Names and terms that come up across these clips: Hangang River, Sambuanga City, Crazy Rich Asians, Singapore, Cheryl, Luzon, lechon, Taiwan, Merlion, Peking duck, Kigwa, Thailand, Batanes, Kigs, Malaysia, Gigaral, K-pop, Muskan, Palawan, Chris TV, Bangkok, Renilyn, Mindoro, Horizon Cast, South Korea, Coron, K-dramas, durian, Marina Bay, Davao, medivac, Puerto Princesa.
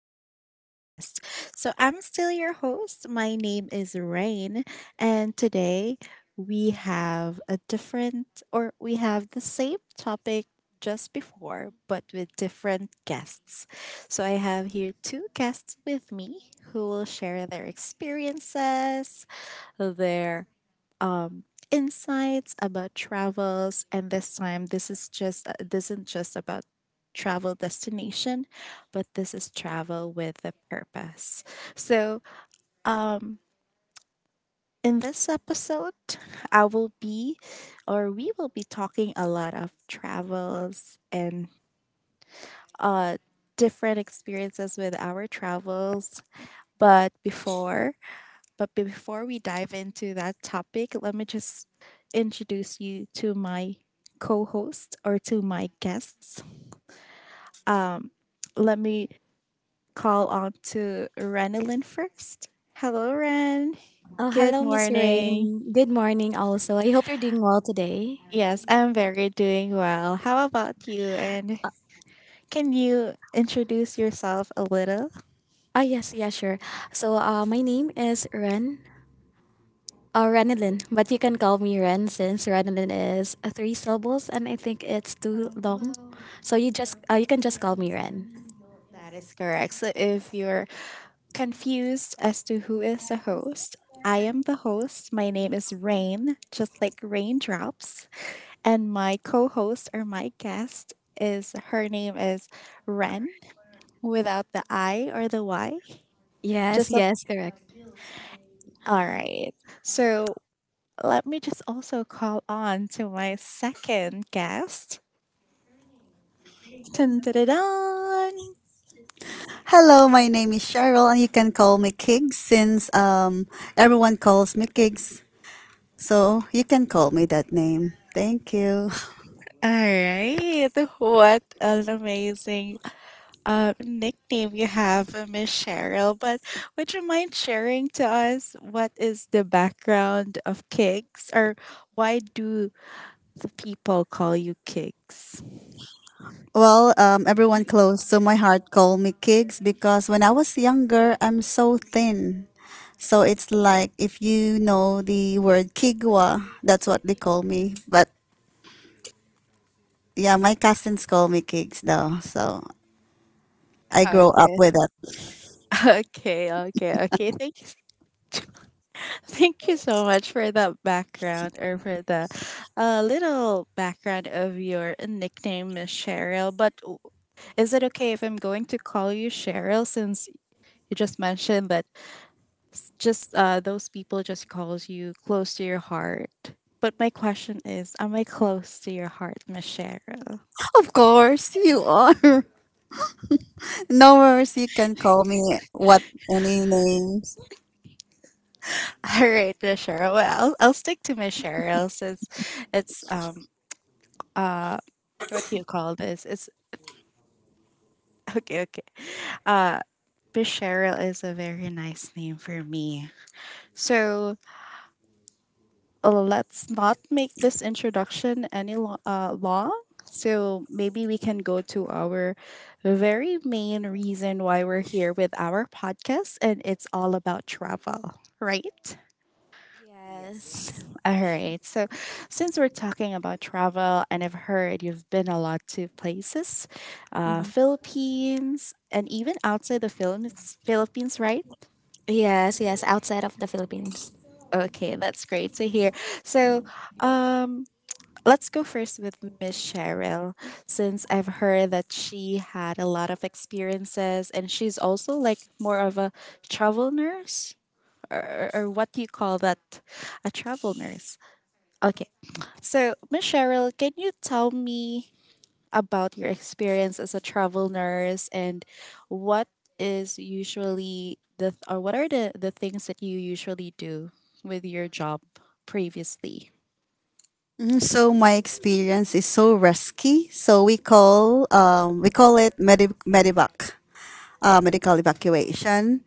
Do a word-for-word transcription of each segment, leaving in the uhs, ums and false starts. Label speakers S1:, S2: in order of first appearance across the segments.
S1: Horizon Cast. So, I'm still your host. My name is Rain, and today we have a different or we have the same topic just before, but with different guests. So, I have here two guests with me who will share their experiences, their um, insights about travels. And this time, this is just uh, this isn't just about travel destination, but this is travel with a purpose. So, um, in this episode, I will be, or we will be talking a lot of travels and uh, different experiences with our travels. But before But before we dive into that topic, let me just introduce you to my co host or to my guests. Um, Let me call on to Renalyn first. Hello, Ren.
S2: Oh,
S1: Good
S2: hello, Miss
S1: morning.
S2: Rain. Good morning, also. I hope you're doing well today.
S1: Yes, I'm very doing well. How about you? And can you introduce yourself a little?
S2: Ah, yes, yeah, sure. So, uh, my name is Ren, uh, Renilyn, but you can call me Ren since Renilyn is uh, three syllables and I think it's too long. So you just uh, you can just call me Ren.
S1: That is correct. So if you're Confused as to who is the host? I am the host. My name is Rain, just like raindrops. And my co host or my guest is her name is Ren without the I or the Y.
S2: Yes,
S1: Just a,
S2: yes, correct.
S1: all right. So let me just also call on to my second guest. Dun, dun, dun, dun.
S3: Hello, my name is Cheryl, and you can call me Kigs since um, everyone calls me Kigs. So you can call me that name. Thank you.
S1: All right. What an amazing uh, nickname you have, uh, Miss Cheryl, but would you mind sharing to us what is the background of Kicks, or why do the people call you Kicks?
S3: Well, um, everyone close to my heart call me Kigs because when I was younger, I'm so thin. So it's like if you know the word Kigwa, that's what they call me. But yeah, my cousins call me Kigs though. So I grow up
S1: Okay.
S3: with that.
S1: Okay, okay, okay. Thank you. Thank you so much for that background or for the uh, little background of your nickname, Miss Cheryl. But w- is it okay if I'm going to call you Cheryl since you just mentioned that just uh, those people just calls you close to your heart. But my question is, am I close to your heart, Miss Cheryl?
S3: Of course, you are. No worries, you can call me what any names.
S1: All right, Miss Cheryl. Well, I'll, I'll stick to Miss Cheryl since it's um uh what do you call this? It's okay, okay. Uh, Miss Cheryl is a very nice name for me. So uh, let's not make this introduction any lo- uh, long. So maybe we can go to our very main reason why we're here with our podcast, and it's all about travel, right?
S2: Yes,
S3: Yes.
S1: All right. So since we're talking about travel, and I've heard you've been a lot to places, uh,
S2: mm-hmm,
S1: Philippines, and even outside the Philippines, Philippines, right?
S2: yes, yes. Outside of the Philippines.
S1: Okay, that's great to hear. So, um, Let's go first with Miss Cheryl, since I've heard that she had a lot of experiences and she's also like more of a travel nurse, or, or what do you call that? A travel nurse. Okay, so Miss Cheryl, can you tell me about your experience as a travel nurse and what is usually the, or what are the, the things that you usually do with your job previously?
S3: Mhm. So my experience is so risky. So we call um we call it medi medivac, uh, medical evacuation.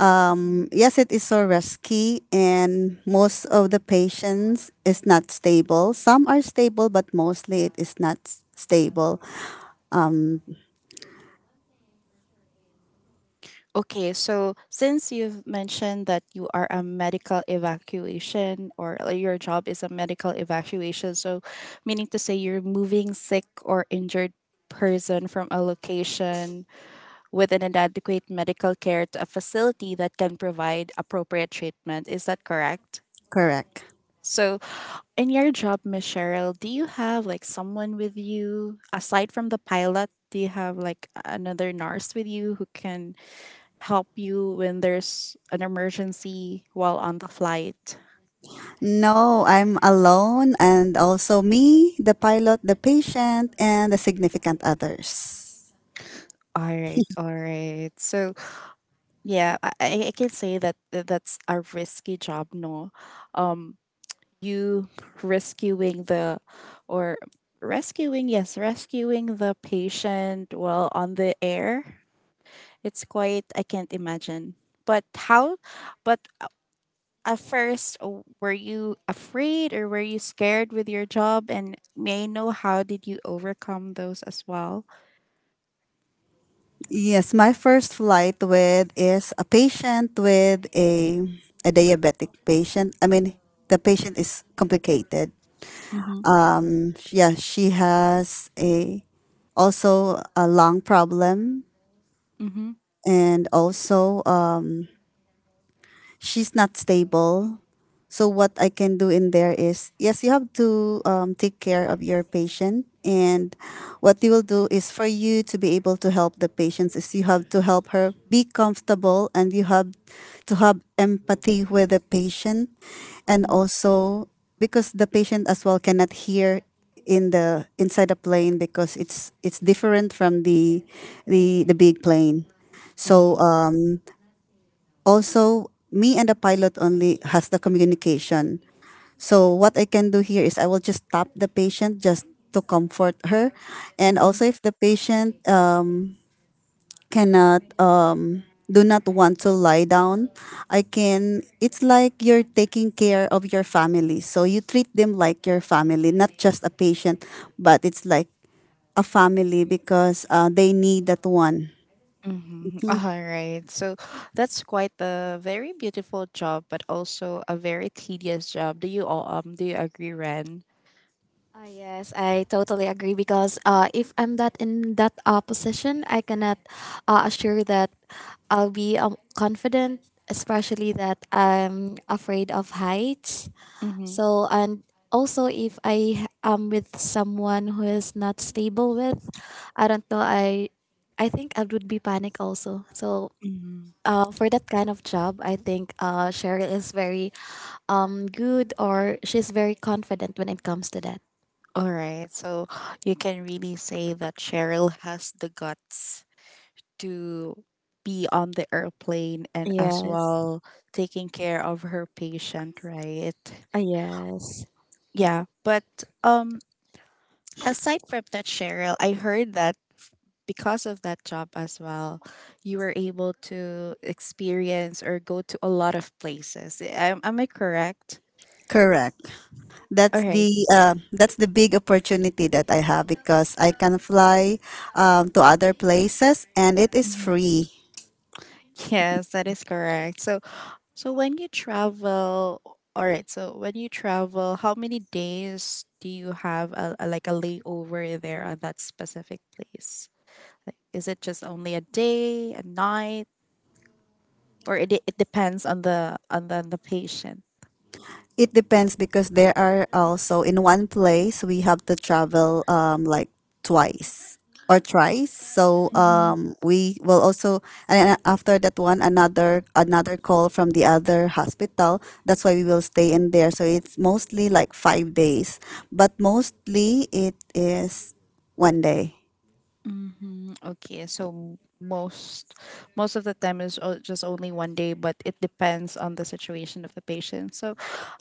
S3: Um, yes, it is so risky, and most of the patients is not stable. Some are stable, but mostly it is not s- stable. Um,
S1: Okay, so since you've mentioned that you are a medical evacuation or like, your job is a medical evacuation, so meaning to say you're moving sick or injured person from a location with an inadequate medical care to a facility that can provide appropriate treatment. Is that correct?
S3: correct.
S1: So in your job, Miss Cheryl, do you have like someone with you aside from the pilot? Do you have like another nurse with you who can help you when there's an emergency while on the flight?
S3: No, I'm alone, and also me, the pilot, the patient, and the significant others.
S1: All right, all right. So yeah, I, I I can say that th- that's a risky job. No, um, you rescuing the or rescuing yes, rescuing the patient while on the air It's quite I can't imagine. But how but at first w- were you afraid or were you scared with your job and may I know how did you overcome those as well?
S3: Yes, my first flight with is a patient with a a diabetic patient. I mean, the patient is complicated.
S1: Mhm.
S3: Yeah, she has a also a lung problem,
S1: Mhm.
S3: and also uh, she's not stable. So what I can do in there is yes, you have to um, take care of your patient, and what you will do is for you to be able to help the patients is you have to help her be comfortable, and you have to have empathy with the patient, and
S1: Mhm.
S3: also because the patient as well cannot hear in the inside a plane because it's it's different from the the the big plane. So
S1: Mhm.
S3: uh, also, me and the pilot only has the communication. So what I can do here is I will just tap the patient just to comfort her, and
S1: Mhm.
S3: also if the patient uh, cannot uh, do not want to lie down, I can. It's like you're taking care of your family, so you treat them like your family, not just a patient, but it's like a family because uh, they need that one.
S1: Mm-hmm. All right. So that's quite a very beautiful job, but also a very tedious job. Do you all um do you agree, Ren?
S2: Uh, yes, I totally agree because uh, if I'm that in that uh, position, I cannot uh, assure that I'll be um, confident, especially that I'm afraid of heights.
S1: Mm-hmm.
S2: So and also if I am with someone who is not stable with, I don't know. I I think I would be panic also. So.
S1: Mm-hmm.
S2: Uh, for that kind of job, I think uh, Cheryl is very um, good or she's very confident when it comes to that.
S1: All right. So you can really say that Cheryl has the guts to be on the airplane and as
S2: Yes.
S1: well taking care of her patient, right?
S2: Uh, yes.
S1: Yeah, but um aside from that Cheryl, I heard that because of that job as well, you were able to experience or go to a lot of places. Am, am I correct?
S3: Correct. That's
S1: Okay.
S3: the uh, that's the big opportunity that I have because I can fly um, to other places, and it is
S1: Mhm.
S3: free.
S1: Yes, that is correct. So So when you travel, all right, so when you travel, how many days do you have a, a- like a layover there on that specific place? Like, is it just only a day, a night, or it, it depends on the on the, on the patient?
S3: It depends because there are also in one place we have to travel um, like twice or thrice. So
S1: Hmm
S3: um, we will also, and after that one another another call from the other hospital. That's why we will stay in there. So it's mostly like five days, but mostly it is one day.
S1: Mm-hmm. Okay, so m- most most of the time is o- just only one day, but it depends on the situation of the patient. So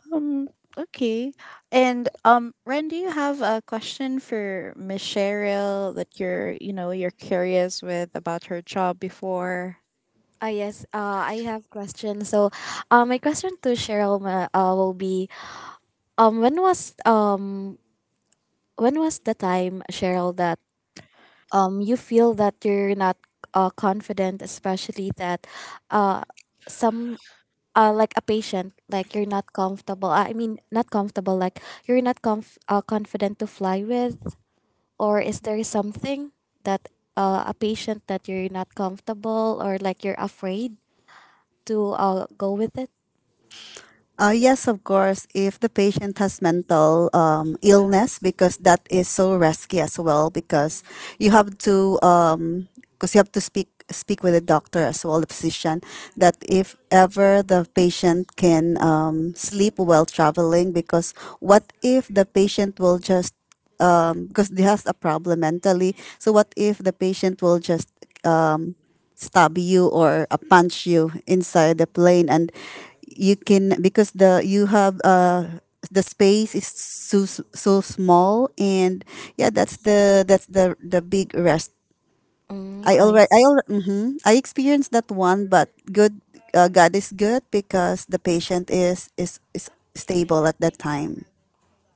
S1: um, okay. And um, Ren, do you have a question for Miss Cheryl that you're, you know, you're curious with about her job before?
S2: Uh, yes. Uh, I have question. So, uh, my question to Cheryl ma- uh, will be um when was um when was the time Cheryl that um you feel that you're not uh, confident, especially that uh some uh like a patient like you're not comfortable. I mean not comfortable like you're not conf- uh, confident to fly with. Or is there something that uh, a patient that you're not comfortable or like you're afraid to uh, go with it?
S3: Uh, yes, of course, if the patient has mental um, illness, because that is so risky as well, because you have to, um, because you have to speak speak with the doctor as well, the physician, that if ever the patient can um, sleep while traveling, because what if the patient will just, because he has a problem mentally, so what if the patient will just stab you or uh, punch you inside the plane, and you can, because the you have uh the space is so so small, and yeah, that's the that's the the big rest.
S2: Mm,
S3: i
S2: I
S3: already i
S2: see.
S3: al- mhm. i experienced that one, but good, uh, God is good because the patient is is is stable at that time.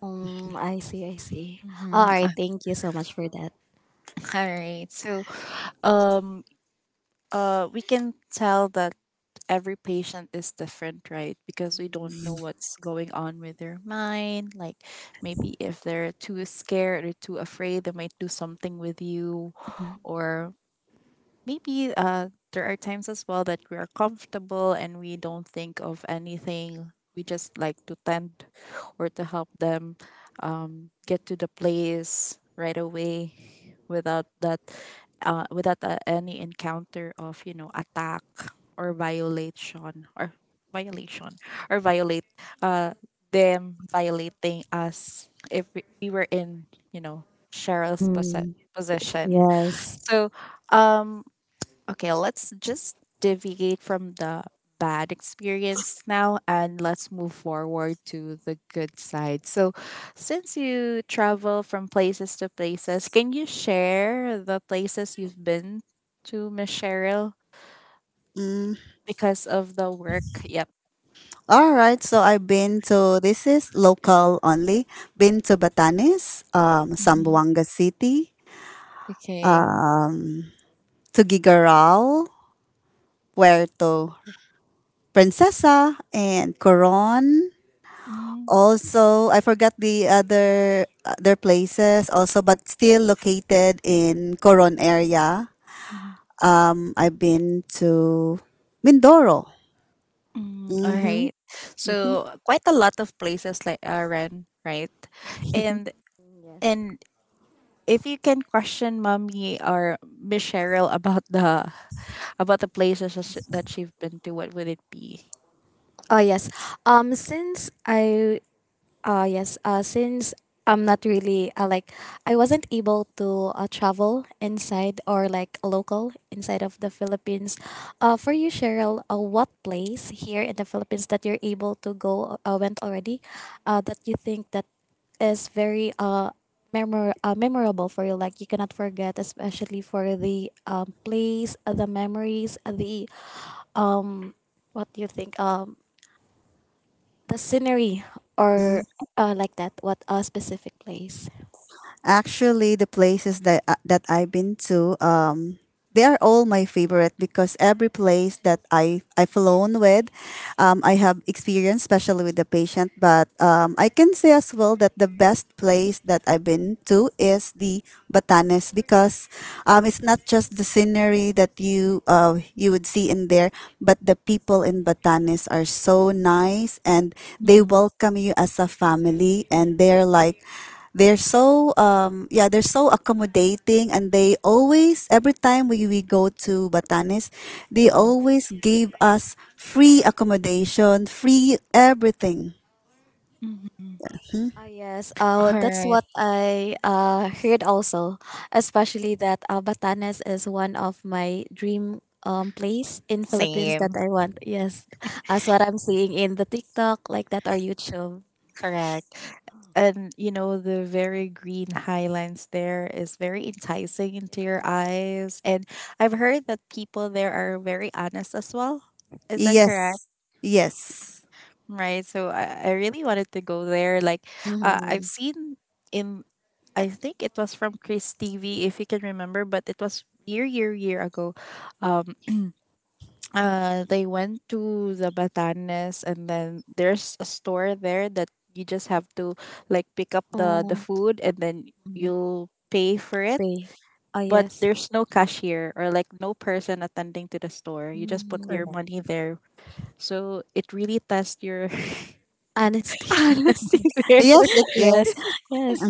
S2: Mm, I see. I see.
S1: Mm-hmm.
S2: All right.
S1: All
S2: Thank you so much for that.
S1: right. So, um, uh, we can tell that every patient is different, right? Because we don't know
S2: Mm,
S1: what's going on with their mind. Like maybe if they're too scared or too afraid, they might do something with you, or maybe uh there are times as well that we are comfortable and we don't think of anything we just like to tend or to help them um get to the place right away without that uh without uh, any encounter of you know attack or violation or violation or violate uh them violating us if we, we were in you know Cheryl's posse-
S2: mm,
S1: possession.
S2: yes.
S1: So, um, Okay, let's just deviate from the bad experience now and let's move forward to the good side. So, since you travel from places to places, can you share the places you've been to, Miss Cheryl, because of the work? Yep.
S3: All right, so I've been to, this is local only. Been to Batanes, um,
S1: Mm-hmm.
S3: Sambuanga City,
S1: Okay.
S3: to Gigaral, Puerto Princesa, and Coron.
S1: Mm-hmm.
S3: Also, I forgot the other other places also, but still located in Coron area. Um, I've been to Mindoro.
S1: Mm, all right. So, quite a lot of places like uh, Ren, right? And
S2: Yes.
S1: and if you can question mommy or Miss Cheryl about the about the places that she- that she've been to, what would it be?
S2: Oh, yes. Um, since I Uh, yes. Uh, since I'm not really uh, like I wasn't able to uh, travel inside or like local inside of the Philippines. Uh, for you, Cheryl, uh, what place here in the Philippines that you're able to go uh, went already, uh, that you think that is very uh. Memor- uh, memorable for you, like you cannot forget, especially for the um, place, uh, the memories, uh, the um what do you think, um the scenery, or uh, like that, what a specific place.
S3: Actually, the places that uh, that I've been to, um, they are all my favorite because every place that I I flown with, um, I have experience, especially with the patient. But um, I can say as well that the best place that I've been to is the Batanes because um, it's not just the scenery that you uh, you would see in there, but the people in Batanes are so nice, and they
S1: Mm-hmm.
S3: welcome you as a family, and they're like they're so um yeah they're so accommodating, and they always every time we, we go to Batanes, they
S1: Mm-hmm.
S3: always give us free accommodation, free everything.
S1: Mm-hmm.
S2: Ah, yes, uh,
S1: All
S2: that's
S1: right.
S2: what I uh, heard also, especially that uh, Batanes is one of my dream um, place in Philippines that
S1: Same.
S2: I want. Yes, as what I'm seeing in the TikTok like that or YouTube.
S1: Correct. And you know the very green highlands there is very enticing into your eyes, and I've heard that people there are very honest as well. Is that
S3: Yes,
S1: correct?
S3: yes,
S1: Right. So I, I really wanted to go there. Like, uh, I've
S2: Mm-hmm.
S1: seen in I think it was from Chris T V, if you can remember, but it was year, year, year ago. Um, uh, they went to the Batanes, and then there's a store there that you just have to like pick up the the
S2: Um,
S1: food, and then you'll pay for it.
S2: Pay. Ah,
S1: But
S2: yes.
S1: there's no cashier or like no person attending to the store. You just put your
S2: Mm.
S1: money there. So it really tests your
S2: Honesty.
S1: honesty there.
S3: yes it
S2: yes,
S3: is.
S2: yes.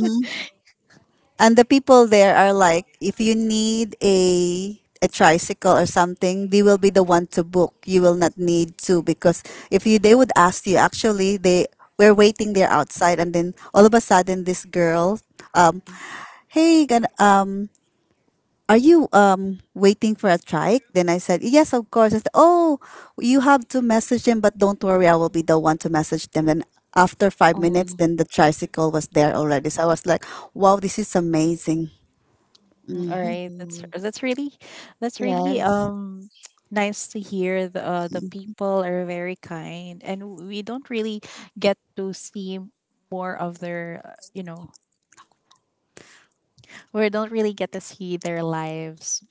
S3: And the people there are like, if you need a a tricycle or something, they will be the one to book. You will not need to because if you, they would ask you. Actually, they were waiting there outside, and then all of a sudden this girl um, "Hey, gan, um, are you um waiting for a trike?" Then I said, "Yes, of course." I said, "Oh, you have to message them, but don't worry, I will be the one to message them." And after five minutes,
S2: Um,
S3: then the tricycle was there already. So I was like, "Wow, this is amazing."
S1: All
S3: Mm-hmm.
S1: right, that's that's really that's really
S2: yes.
S1: um nice to hear. The uh, the people are very kind, and we don't really get to see more of their uh, you know we don't really get to see their lives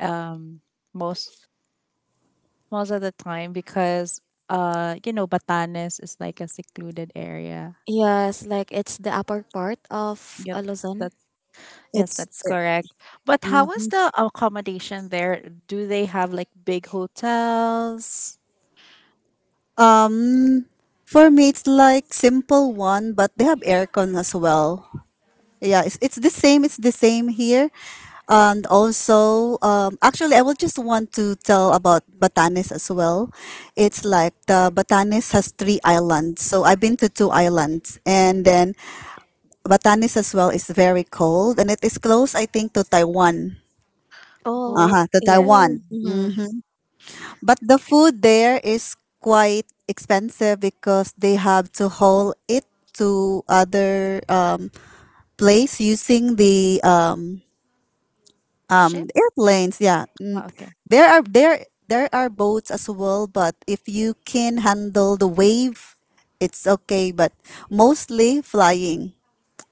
S1: um most most of the time because uh you know Batanes is like a secluded area.
S2: Yes, like it's the upper part of uh,
S1: Yep.
S2: Luzon.
S1: That's Yes,
S3: It's
S1: that's
S3: it,
S1: correct. But how was
S3: mhm.
S1: the accommodation there? Do they have like big hotels?
S3: Um, for me, it's like simple one, but they have aircon as well. Yeah, it's it's the same. It's the same here. And also, um, actually, I will just want to tell about Batanes as well. It's like the Batanes has three islands. So I've been to two islands. And then Batanes as well is very cold. And it is close, I think, to Taiwan.
S2: Oh,
S1: Oh,
S3: Uh-huh, to
S2: yes.
S3: Taiwan.
S2: Mm-hmm.
S3: Hmm. But the food there is quite expensive because they have to haul it to other um, place using the uh,
S1: ship.
S3: um airplanes, yeah.
S1: Oh,
S3: Mm,
S1: okay.
S3: there are, there there are boats as well, but if you can handle the wave, it's okay, but mostly flying.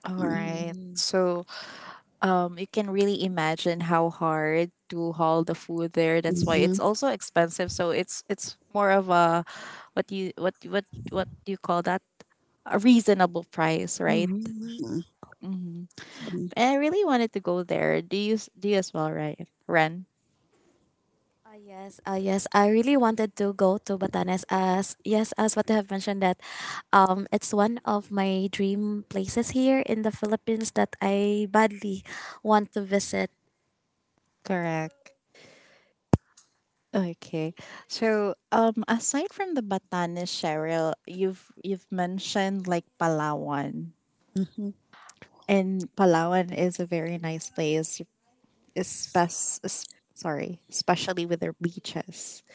S1: All
S3: Mm.
S1: right. So, um, you can really imagine how hard to haul the food there. That's why it's
S3: Mhm,
S1: also expensive. So it's it's more of a what do you what what what do you call that? A reasonable price, right?
S2: Mm-hmm.
S1: Mm-hmm.
S3: mhm,
S1: And I really wanted to go there. Do you s- do you as well, right, Ren?
S2: Uh, yes, uh, yes. I really wanted to go to Batanes as, yes, as what I have mentioned, that um it's one of my dream places here in the Philippines that I badly want to visit.
S1: Correct. Okay. So, um, aside from the Batanes, Cheryl, you've you've mentioned like Palawan.
S3: mhm.
S1: And Palawan is a very nice place, especially sorry, especially with their beaches.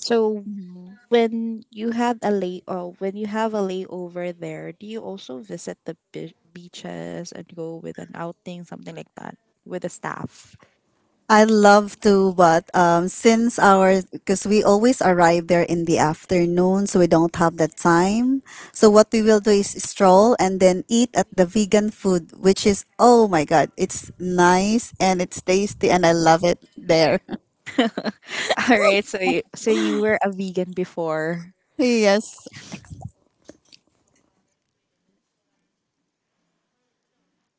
S1: So
S2: Mhm.
S1: when you had a lay oh, when you have a layover there, do you also visit the be- beaches and go with an outing, something like that, with the staff?
S3: I love to, but um, since our, because we always arrive there in the afternoon, so we don't have that time. So what we will do is stroll and then eat at the vegan food, which is oh my God, it's nice and it's tasty, and I love it there.
S1: All right, so you, so you were a vegan before.
S3: Yes.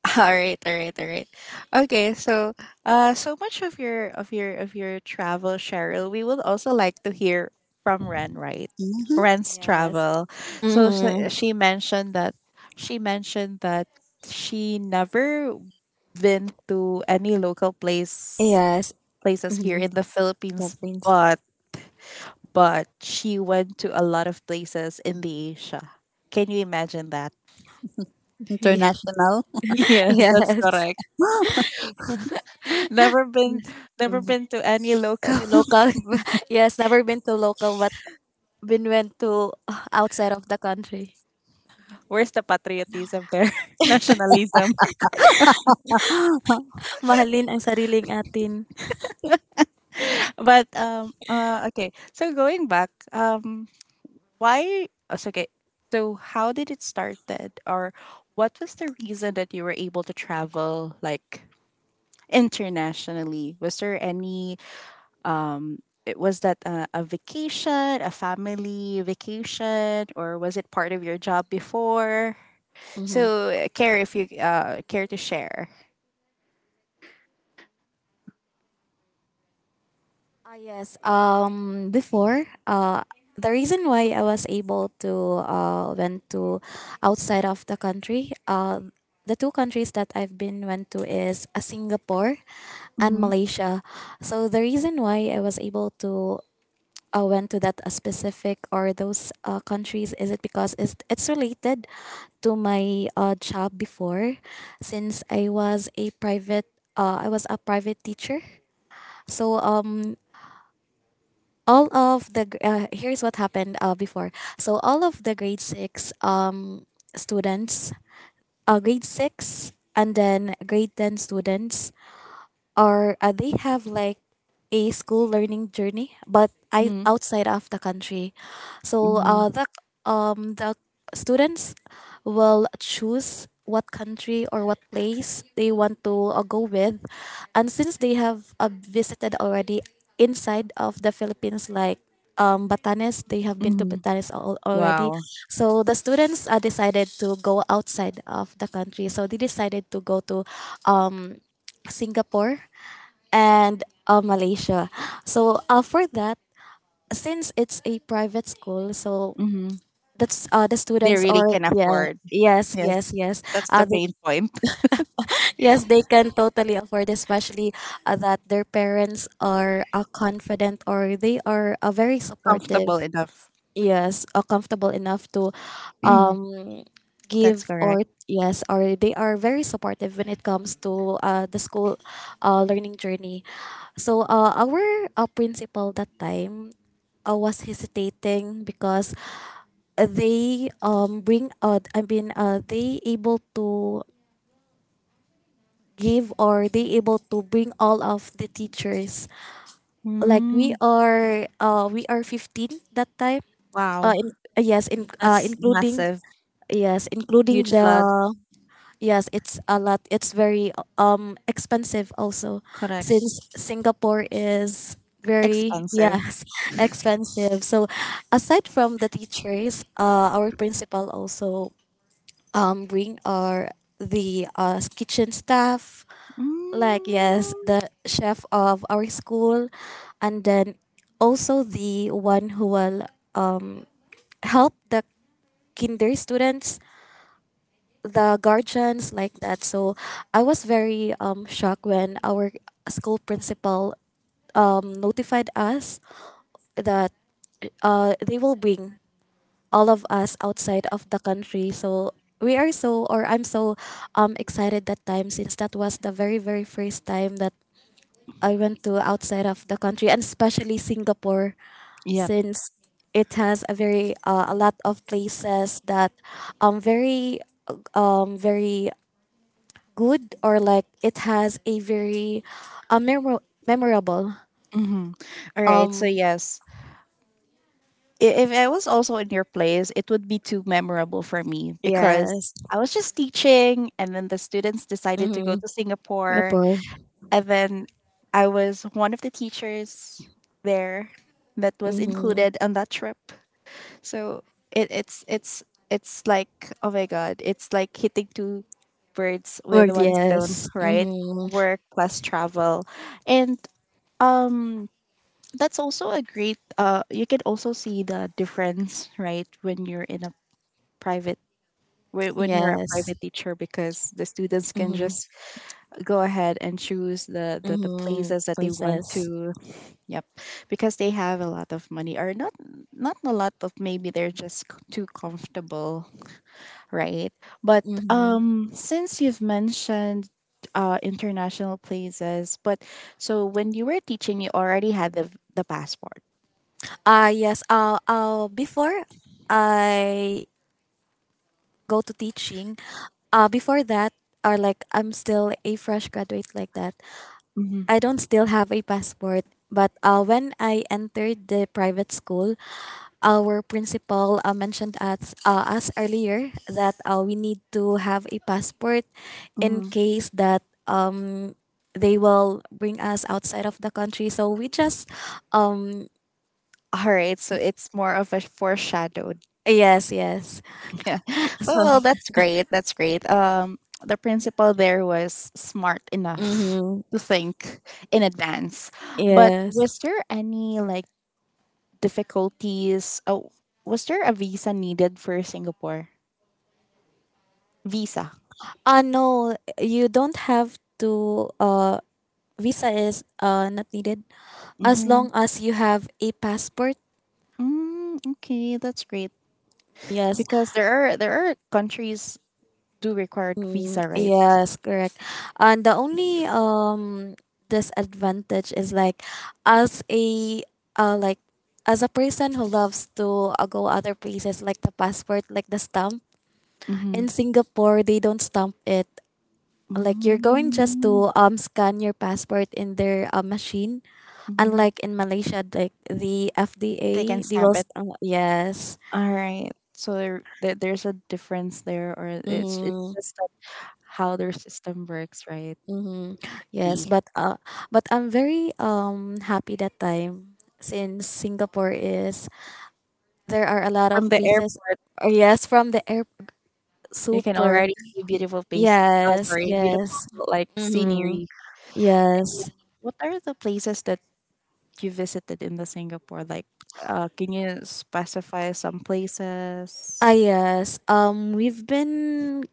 S1: All right, all right, all right. Okay, so uh so much of your of your of your travel, Cheryl. We would also like to hear from Ren, right?
S3: Hmm.
S1: Ren's
S2: Yes.
S1: travel. So she,
S2: Hmm.
S1: she mentioned that she mentioned that she never been to any local place
S2: Yes.
S1: places here
S2: Mm-hmm.
S1: in the
S2: That
S1: Philippines,
S2: means
S1: but but she went to a lot of places in the Asia. Can you imagine that?
S2: yeah.
S3: International.
S1: Yes, that's
S2: Yes.
S1: correct. Never been, never been to any
S2: uh,
S1: local.
S2: local yes, never been to local but been went to uh, outside of the country.
S1: Where's the patriotism there? Nationalism.
S2: Mahalin ang sariling atin.
S1: But um, uh, okay. So going back, um, why? oh, so, Okay. So how did it started, or what was the reason that you were able to travel like internationally? Was there any um? It, was that a, a vacation, a family vacation, or was it part of your job before?
S2: Mm,
S1: So, uh, care if you uh, care to share.
S2: yes, um before uh the reason why I was able to uh went to outside of the country, uh the two countries that I've been went to is uh, Singapore and
S1: Mhm.
S2: Malaysia. So the reason why I was able to uh, went to that uh, specific, or those uh, countries, is it because it's, it's related to my uh, job before, since i was a private uh, I was a private teacher. So um all of the gr- uh, here's what happened uh, before. So all of the grade six um students, uh, grade six and then grade ten students, or uh, they have like a school learning journey but I
S1: Mhm.
S2: outside of the country. So
S1: Mhm.
S2: uh, the um the students will choose what country or what place they want to uh, go with. And since they have uh, visited already inside of the philippines like um, Batanes, they have been to
S1: Mhm.
S2: Batanes al- already.
S1: Wow.
S2: So the students uh, decided to go outside of the country. So they decided to go to um, Singapore and uh, Malaysia. So uh, for that, since it's a private school, so
S1: Mhm.
S2: that's uh, the
S1: They
S2: students
S1: really
S2: are
S1: can
S2: yeah,
S1: afford.
S2: yes,
S1: Yes.
S2: yes, yes,
S1: That's the
S2: uh, they,
S1: main point.
S2: yes, they can totally afford, especially uh, that their parents are uh, confident, or they are uh, very
S1: Comfortable
S2: supportive.
S1: enough.
S2: Yes, uh, comfortable enough to um
S1: That's
S2: give,
S1: correct.
S2: or yes, or they are very supportive when it comes to uh, the school uh, learning journey. So uh, our uh, principal that time uh, was hesitating because they um bring, uh, I mean, uh, they able to give, or they able to bring all of the teachers. Like,
S1: Mm.
S2: we are uh, we are fifteen that time, uh,
S1: Wow.
S2: in, uh, yes, in, uh,
S1: That's
S2: including.
S1: massive.
S2: Yes, including
S1: Huge
S2: the.
S1: lot.
S2: Yes, it's a lot. It's very um expensive also,
S1: Correct.
S2: since Singapore is very,
S1: Expensive.
S2: yes, expensive. So aside from the teachers, uh our principal also um bring our the uh kitchen staff, like, yes,
S1: Mm.
S2: the chef of our school, and then also the one who will um help the kinder students, the guardians like that. So I was very um shocked when our school principal um notified us that uh they will bring all of us outside of the country. So we are so or I'm so um excited that time, since that was the very very first time that I went to outside of the country, and especially Singapore,
S1: Yep.
S2: since it has a very uh, a lot of places that um very um very good, or like it has a very uh, memor- memorable.
S1: Mm-hmm. All right. So
S2: um
S1: yes, I- if I was also in your place, it would be too memorable for me because
S2: yes.
S1: I was just teaching, and then the students decided to go
S2: Mm-hmm.
S1: to
S2: Yep.
S1: Singapore, and then I was one of the teachers there that was
S2: Mm-hmm.
S1: included on that trip. So it, it's it's it's like oh my god, it's like hitting two birds with
S2: word
S1: one stone,
S2: yes
S1: right?
S2: mm-hmm.
S1: Work plus travel. And um that's also a great uh you can also see the difference, right, when you're in a private whe- when you're a
S2: Yes.
S1: private teacher because the students can just
S2: Mm-hmm.
S1: go ahead and choose the, the, the
S2: Mm-hmm.
S1: places that they want
S2: Voices.
S1: to, yep, because they have a lot of money or not, not a lot of, maybe they're just c- too comfortable, right? But
S2: Mm-hmm.
S1: um since you've mentioned uh international places, but so when you were teaching you already had the the passport.
S2: Uh yes, uh, uh before I go to teaching, uh before that, or like I'm still a fresh graduate like that,
S1: Mhm.
S2: I don't still have a passport. But uh, when I entered the private school, our principal uh, mentioned us uh, us earlier that uh, we need to have a passport in
S1: Mhm.
S2: case that um they will bring us outside of the country, so we just um
S1: All right, so it's more of a foreshadow.
S2: yes, yes.
S1: Yeah. But,
S2: So,
S1: well, that's great. That's great. Um, the principal there was smart enough
S2: mm-hmm,
S1: to think in advance. But was
S2: yes.
S1: there any like difficulties? Oh, was there a visa needed for Singapore? Visa.
S2: Uh no, you don't have to. Uh visa is uh not needed, as
S1: Mm-hmm.
S2: long as you have a passport.
S1: Mm, okay, that's great.
S2: Yes.
S1: Because there are, there are countries do require
S2: Mm,
S1: visa, right?
S2: yes, correct. And the only um disadvantage is like, as a uh like, as a person who loves to uh, go other places, like the passport, like the stamp in
S1: Mm-hmm.
S2: Singapore, they don't stamp it. Like, you're going just
S1: Mm.
S2: to um scan your passport in their uh, machine.
S1: Mm-hmm.
S2: Unlike in Malaysia, like the
S1: They can
S2: F D A, they
S1: stamp
S2: will
S1: it.
S2: st- uh, yes.
S1: All right. So there, there- there's a difference there, or it's it's
S2: Mm-hmm.
S1: just that how their system works, right?
S2: Yes,
S1: The-
S2: but uh, but I'm very um happy that time, since Singapore is, there are a lot
S1: From
S2: of
S1: the
S2: pieces.
S1: airport,
S2: Uh, yes, from the air,
S1: you can
S2: super.
S1: already see beautiful place. Oh,
S2: Yes,
S1: sorry, beautiful
S2: yes.
S1: like
S2: Mm-hmm.
S1: scenery. And
S2: Yes.
S1: what are the places that you visited in the Singapore? Like, uh, can you specify some
S2: Ah,
S1: places?
S2: yes. Um, we've been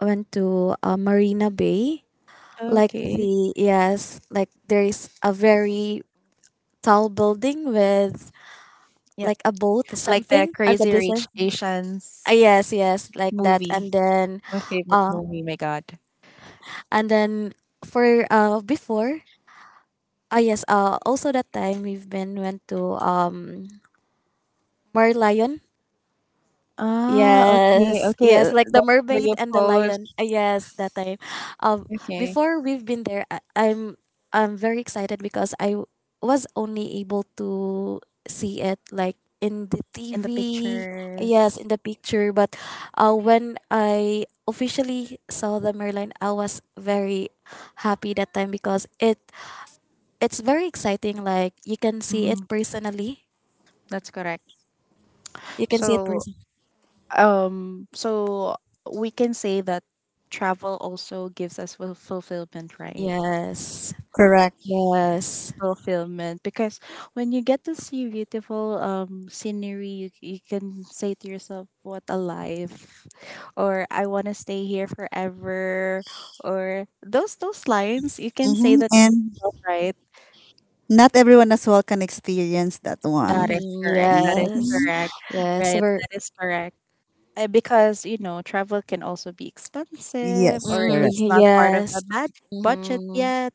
S2: went to uh, Marina Bay. Like,
S1: Okay.
S2: the yes, like there is a very tall building with,
S1: Yep.
S2: like, a boat,
S1: Like the
S2: something I've, like, a
S1: Crazy
S2: business.
S1: Rich
S2: Uh, yes,
S1: Asians
S2: yes, like that. And
S1: movie,
S2: then,
S1: my favorite
S2: uh,
S1: movie. My God.
S2: and then for uh before, ah, yes, uh also that time we've been went to um Mar Lion.
S1: Ah, okay,
S2: Yes,
S1: okay,
S2: yes,
S1: uh,
S2: like the
S1: that's where
S2: mermaid
S1: you
S2: and the
S1: post.
S2: lion. Uh, yes, that time. Um,
S1: Okay.
S2: Before we've been there, I, I'm I'm very excited because I w- was only able to see it like in the
S1: In
S2: T V.
S1: the
S2: Yes,
S1: pictures.
S2: in the picture, but uh, when I officially saw the merlion, I was very happy that time because it it's very exciting. Like, you can see it
S1: Hmm.
S2: personally.
S1: That's correct.
S2: You can see it
S1: So,
S2: person.
S1: um, so we can say that travel also gives us ful- fulfillment, right?
S2: Yes.
S3: Correct.
S2: Yes.
S1: Fulfillment because when you get to see beautiful um scenery, you, you can say to yourself, "What a life!" or "I want to stay here forever," or those those lines. You can say
S3: Hmm.
S1: that in
S3: And
S1: yourself, right?
S3: not everyone as well can experience that
S1: That
S3: one.
S1: is
S2: Mm-hmm,
S1: correct. That is
S2: yes.
S3: Hmm.
S1: correct.
S2: Yes. So
S1: Right.
S2: we're,
S1: That is correct. Uh, because, you know, travel can also be expensive
S3: Yes,
S1: or
S2: mm,
S3: correct.
S1: it's not part of the
S2: yes.
S1: bad budget
S2: Mm-hmm,
S1: yet.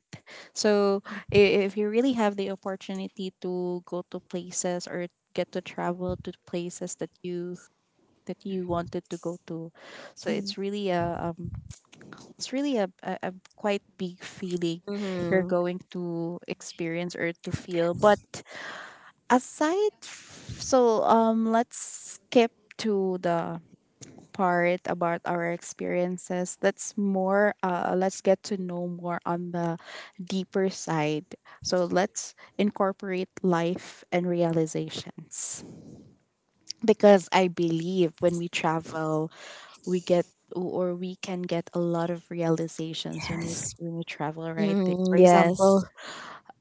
S1: So i- if you really have the opportunity to go to places or get to travel to places that you, that you wanted to go to, so it's really a um it's really a, a, a quite big feeling you're
S2: mm-hmm,
S1: going to experience or to feel. But aside f- so um let's skip to the part about our experiences. Let's more uh let's get to know more on the deeper side, so let's incorporate life and realizations, because I believe when we travel we get or we can get a lot of realizations when we
S2: yes.
S1: when we travel, right? Like,
S2: Mm,
S1: for
S2: yes.
S1: example,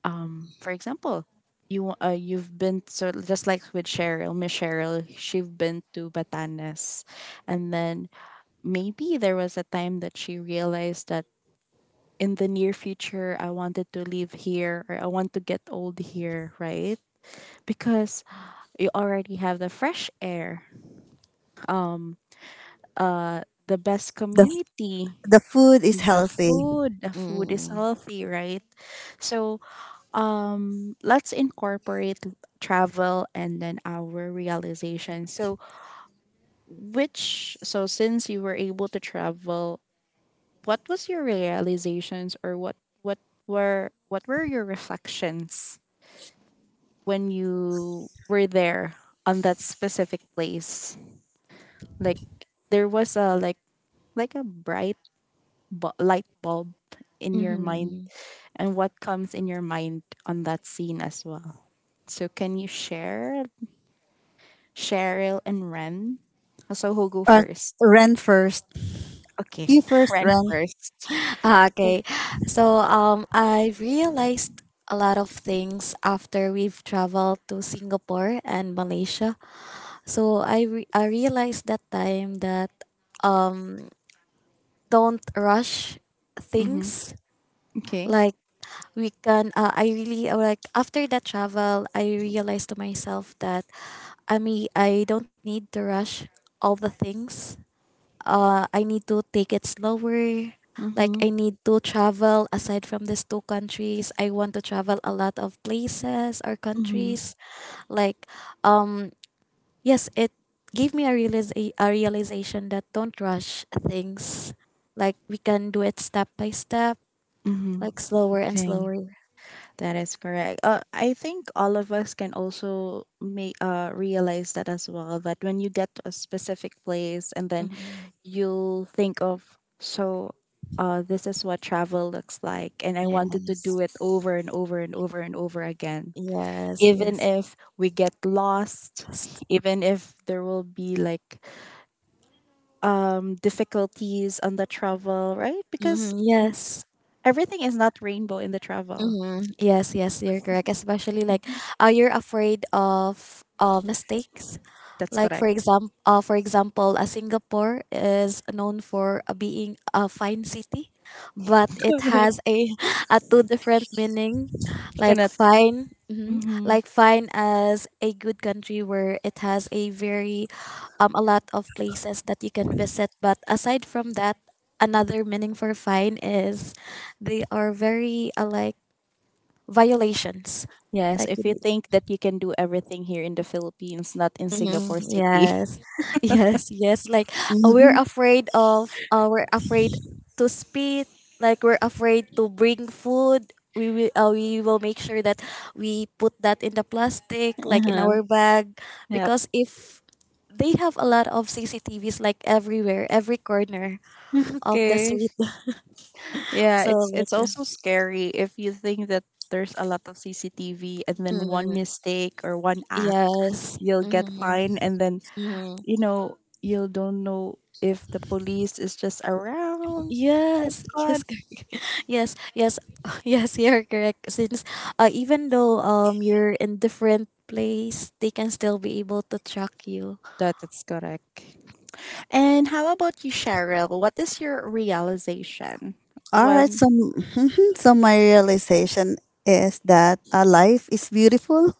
S1: um for example, you uh, you've been, so just like with Cheryl, Miss Cheryl, she's been to Batanes, and then maybe there was a time that she realized that in the near future I wanted to live here or I want to get old here, right? Because you already have the fresh air, um uh the best
S3: The
S1: community,
S3: the food is
S1: the
S3: healthy.
S1: food, the food is
S2: Mm,
S1: healthy, right? So um let's incorporate l- travel and then our realization. So which, so since you were able to travel, what was your realizations or what what were, what were your reflections when you were there on that specific place, like there was a like like a bright bu- light bulb in your mind,
S2: mm-hmm.
S1: and what comes in your mind on that scene as well? So can you share, Cheryl and Ren. So who go
S3: Uh,
S1: first?
S3: rent first.
S1: Okay,
S3: You first,
S1: Ren
S3: rent.
S1: first.
S2: Okay. So um I realized a lot of things after we've traveled to Singapore and Malaysia. So I re- I realized that time that um don't rush
S1: Mm-hmm.
S2: things,
S1: Okay.
S2: like we can uh, I really uh, like after that travel I realized to myself that, I mean, I don't need to rush all the things. uh I need to take it slower, like
S1: Mm-hmm.
S2: I need to travel, aside from these two countries I want to travel a lot of places or
S1: Mm-hmm.
S2: countries. Like, um yes, it gave me a, realiza- a realization that don't rush things, like we can do it step by step,
S1: Mm-hmm.
S2: like slower and
S1: Okay,
S2: slower.
S1: that is correct. Uh, I think all of us can also may uh realize that as well. That when you get to a specific place, and then
S2: Mm-hmm.
S1: you'll think of so. Uh, this is what travel looks like, and I wanted to
S2: Yes,
S1: do it over and over and over and over again.
S2: yes,
S1: Even
S2: yes.
S1: if we get lost, even if there will be like um difficulties on the travel, right? Because
S2: Mm-hmm, yes.
S1: everything is not rainbow in the travel.
S2: Mm-hmm. Yes, yes, you're correct. Especially, like, uh, you're afraid of uh, mistakes.
S1: That's
S2: Like, for
S1: correct.
S2: example, uh, for example, uh, Singapore is known for uh, being a fine city, but it
S1: Correct.
S2: has a, a two different meaning.
S1: You
S2: Like
S1: cannot.
S2: fine, mhm,
S1: Hmm.
S2: like fine as a good country where it has a very um a lot of places that you can visit. But aside from that, another meaning for fine is they are very, uh, like, violations.
S1: Yes,
S2: Like,
S1: if you think that you can do everything here in the Philippines, not in Singapore city.
S2: yes, yes, yes. Like, uh, we're
S3: Mm-hmm.
S2: afraid of, uh, we're afraid to speak. Like, we're afraid to bring food. We will, uh, we will make sure that we put that in the plastic, like in
S1: Uh-huh.
S2: our bag,
S1: Yeah.
S2: because if they have a lot of C C T Vs, like everywhere, every corner of the
S1: Okay.
S2: street.
S1: Yeah,
S2: So,
S1: it's
S2: like,
S1: it's
S2: uh,
S1: also scary if you think that there's a lot of CCTV and then one
S2: mm,
S1: mistake or one act
S2: yes,
S1: you'll get
S2: mm-hmm,
S1: fined, and then
S2: mm-hmm.
S1: you know, you don't know if the police is just around. Oh
S2: Yes,
S1: God,
S2: yes. Yes, yes, yes, you're correct. Since uh, even though um you're in different place, they can still be able to track you.
S1: that is correct. And how about you, Cheryl? What is your realization
S3: All right.
S1: when?
S3: So, mhm, so my realization is that uh, life is beautiful,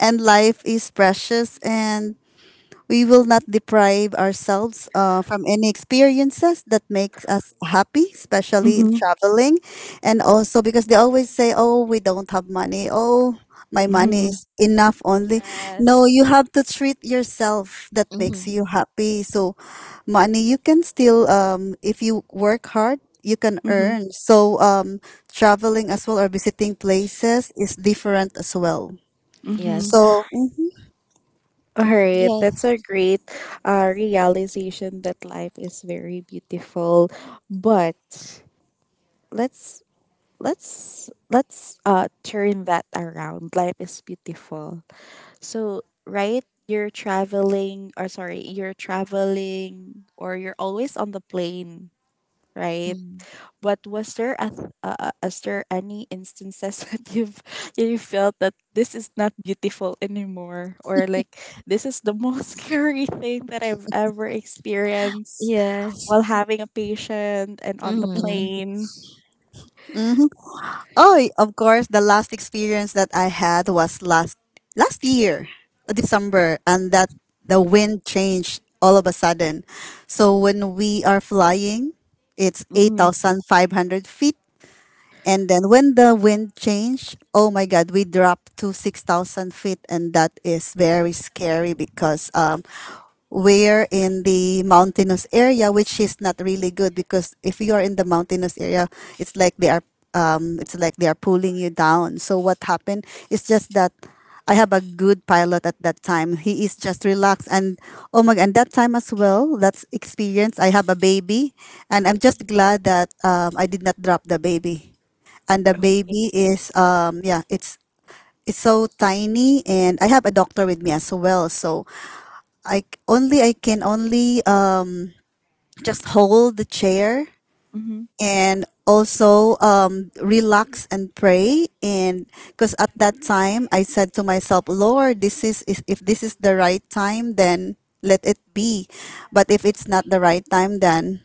S3: and life is precious, and we will not deprive ourselves uh, from any experiences that makes us happy, especially in
S1: Mm-hmm.
S3: traveling. And also because they always say, oh, we don't have money. Oh, my money
S1: Mm-hmm.
S3: is enough only. No,
S2: Yes.
S3: you have to treat yourself that makes
S2: Mm-hmm.
S3: you happy. So, money you can still um if you work hard, you can
S1: Mm-hmm.
S3: earn, so um traveling as well or visiting places is different as well,
S1: Mm-hmm.
S2: Yes.
S3: so mhm,
S1: All
S2: Mm-hmm.
S1: right, that's
S2: Yes.
S1: a great uh, realization that life is very beautiful. But let's let's let's uh turn that around. Life is beautiful. So, right, you're traveling, or sorry, you're traveling, or you're always on the plane, right?
S2: Mm.
S1: But was there a, th- uh, uh, is there any instances that you've you felt that this is not beautiful anymore, or like this is the most scary thing that I've ever experienced
S2: Yes.
S1: while having a patient and on the
S2: Mm-hmm.
S1: plane?
S3: mhm. Oh, of course, the last experience that I had was last last year, uh, December, and that the wind changed all of a sudden. So when we are flying, it's
S1: Mm-hmm.
S3: eighty-five hundred feet, and then when the wind changed, oh my God, we dropped to six thousand feet. And that is very scary because um, we're in the mountainous area, which is not really good because if you are in the mountainous area, it's like they are. Um, it's like they are pulling you down. So what happened is just that I have a good pilot at that time. He is just relaxed, and oh my, and that time as well, that's experience. I have a baby, and I'm just glad that um, I did not drop the baby, and the
S1: Okay.
S3: baby is um, yeah, it's it's so tiny, and I have a doctor with me as well. So i c- only i can only uh, just hold the chair,
S1: Mm-hmm.
S3: and also um, relax and pray, and because at that time I said to myself, "Lord, this is is- if this is the right time, then let it be, but if it's not the right time, then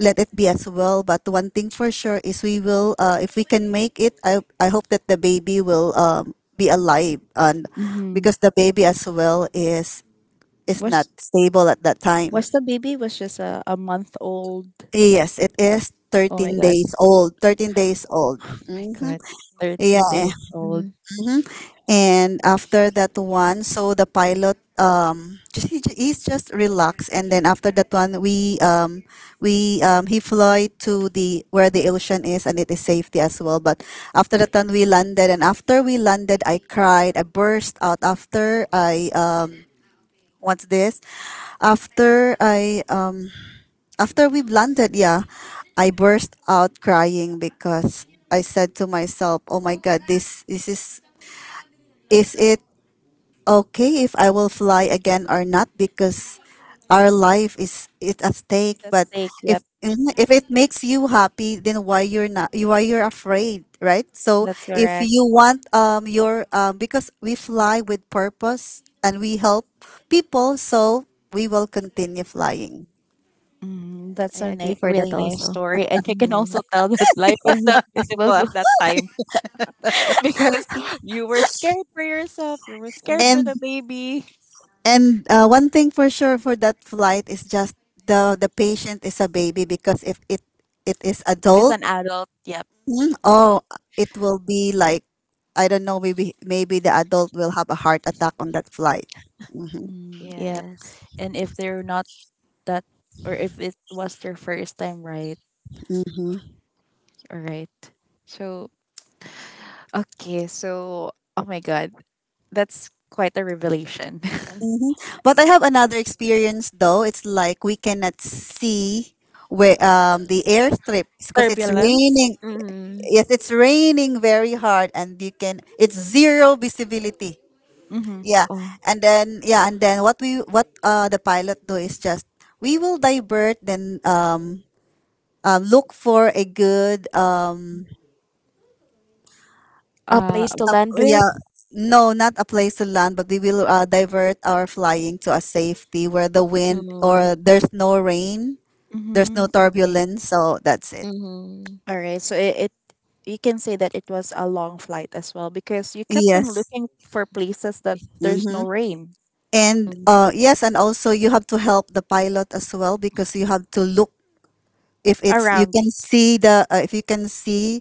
S3: let it be as well. But one thing for sure is we will, uh, if we can make it, I, I hope that the baby will um, be alive." And
S1: Mm-hmm.
S3: because the baby as well is is not
S1: Was
S3: stable at that time.
S1: was the baby was just a, a month old?
S3: Yes, it is
S1: Oh my
S3: thirteen
S1: god.
S3: days old. thirteen days old.
S1: Oh my
S3: Mm-hmm.
S1: god.
S2: Yes, that's
S3: Yeah.
S1: thirteen
S2: so.
S1: days
S2: S-
S1: old.
S2: mhm.
S3: Mhm. And after that one, so the pilot um just he, he's just relaxed, and then after that one, we um we um he flew to the where the ocean is, and it is safety as well. But after that one, we landed, and after we landed, I cried, I burst out after I um, what's this? After I um, after we've landed, yeah, I burst out crying because I said to myself, "Oh my God, this this is is it okay if I will fly again or not? Because our life is it at
S1: Is
S3: stake.
S1: that
S3: But
S1: steak?
S3: if
S1: Yep,
S3: mhm, if it makes you happy, then why you're not? you- Why you're afraid, right? So
S1: that's
S3: if
S1: correct.
S3: you want um your um because we fly with purpose and we help people, so we will continue flying."
S1: Mm,
S2: Yes, I
S1: that's a
S2: agree
S1: ni-
S2: for that
S1: really nice
S2: also.
S1: story. And you can
S2: Mm-hmm.
S1: also tell that life is not
S2: It's
S1: beautiful
S2: both.
S1: at that time, because you were scared for yourself. You were scared
S2: Mm-hmm.
S1: for
S3: And
S1: the baby.
S3: and uh, one thing for sure for that flight is just the the patient is a baby because if it it is
S1: As
S3: adult,
S1: an adult, yep.
S3: Mm, oh, it will be like, I don't know. Maybe maybe the adult will have a heart attack on that flight. hmm
S1: Mm, yep.
S2: Yes.
S1: And if they're not that, or if it was their first time, right? All right. So, okay. So, oh my God. That's quite a revelation.
S2: This one.
S3: hmm But I have another experience though. It's like we cannot see where um the airstrip because it's
S1: Turbulence.
S3: raining.
S2: Mm-hmm.
S3: Yes, it's raining very hard, and you can it's zero visibility.
S1: Mhm.
S3: Yeah,
S2: Oh,
S3: and then yeah, and then what we what uh the pilot do is just we will divert then um, um look for a good um
S2: a
S1: Uh,
S2: place to
S3: a,
S2: land with.
S3: yeah, no, not a place to land, but we will uh, divert our flying to a safety where the wind or
S2: Mm-hmm.
S3: there's no rain, there's no
S1: mm-hmm. Okay.
S3: turbulence. So that's it.
S2: Mm-hmm.
S1: All right. So it, it you can say that it was a long flight as well because you kept on
S3: Yes.
S1: looking for places that there's
S3: Mm-hmm.
S1: no rain
S3: And
S2: Mm-hmm.
S3: uh, yes, and also you have to help the pilot as well because you have to look if it's you
S1: around.
S3: can see the uh, if you can see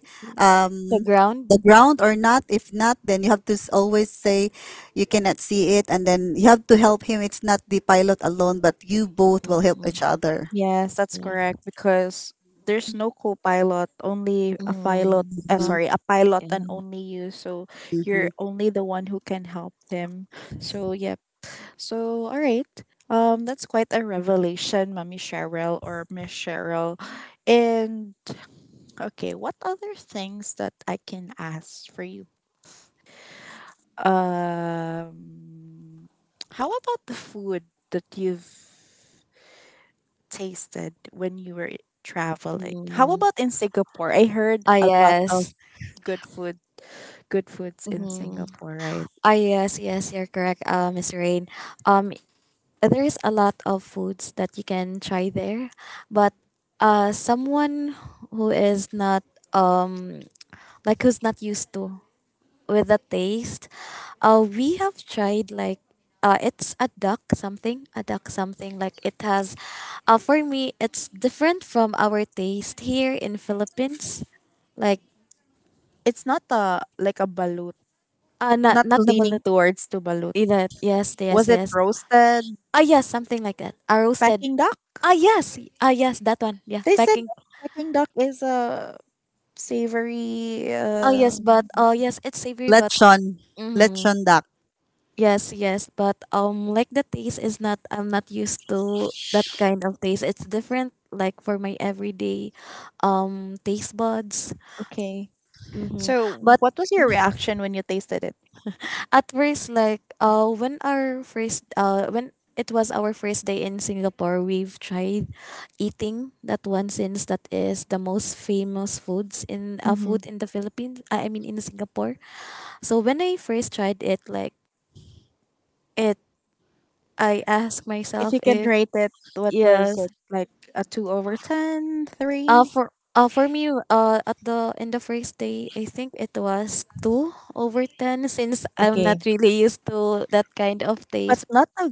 S2: The
S3: um
S2: ground.
S3: the ground or not. If not, then you have to s- always say you cannot see it, and then you have to help him. It's not the pilot alone, but you both will help
S2: Mm-hmm.
S3: each other.
S1: Yes, that's correct because there's no co-pilot, only a pilot.
S2: Mm,
S1: Uh,
S2: but
S3: Mhm,
S1: sorry, a pilot and
S2: mm,
S1: only you. So you're
S3: mhm.
S1: only the one who can help him. So yeah, so, all right. Um, that's quite a revelation, Mommy Cheryl or Miss Cheryl. And okay, what other things that I can ask for you? Um, how about the food that you've tasted when you were traveling? How
S2: mm.
S1: about in Singapore? I heard
S2: ah
S1: a lot of
S2: yes,
S1: good food, good foods in
S2: mm,
S1: Singapore, right?
S2: ah yes, yes, you're correct, uh, Miss Rain. Um, there is a lot of foods that you can try there, but uh, someone who is not um like who's not used to with the taste, uh, we have tried like uh, it's a duck something, a duck something like it has, uh, for me it's different from our taste here in Philippines like
S1: It's not a like a balut,
S2: Uh, not
S1: not
S2: not double
S1: leaning
S2: it
S1: towards to balut.
S2: either. Yes, yes,
S1: Was it
S2: yes.
S1: roasted?
S2: Ah, yes, something like that. A roasted.
S1: Peking duck?
S2: Ah, yes. Ah, yes, that one. Yeah,
S1: They said
S2: packing.
S1: that Peking duck is a savory.
S2: Ah, yes, but
S1: Um,
S2: uh, yes, it's savory, but
S3: Lechon,
S2: mm-hmm.
S3: lechon duck.
S2: Yes, yes, but um, like the taste is not. I'm not used to that kind of taste. It's different, like for my everyday, um, taste buds.
S1: okay.
S2: Mm-hmm.
S1: So,
S2: But
S1: what was your reaction when you tasted it?
S2: at first like uh when our first uh when it was our first day in Singapore, we've tried eating that one since that is the most famous foods in uh, food
S1: Hmm.
S2: in the Philippines. I I mean in Singapore. So when I first tried it, like it, I asked
S1: If
S2: myself
S1: you can
S2: if
S1: rate it, what was
S2: yes,
S1: it? Like a two over ten,
S2: uh
S1: three.
S2: for uh for me uh at the in the first day, I think it was two over ten since I'm
S1: Okay.
S2: not really used to that kind of
S1: But
S2: taste.
S1: not a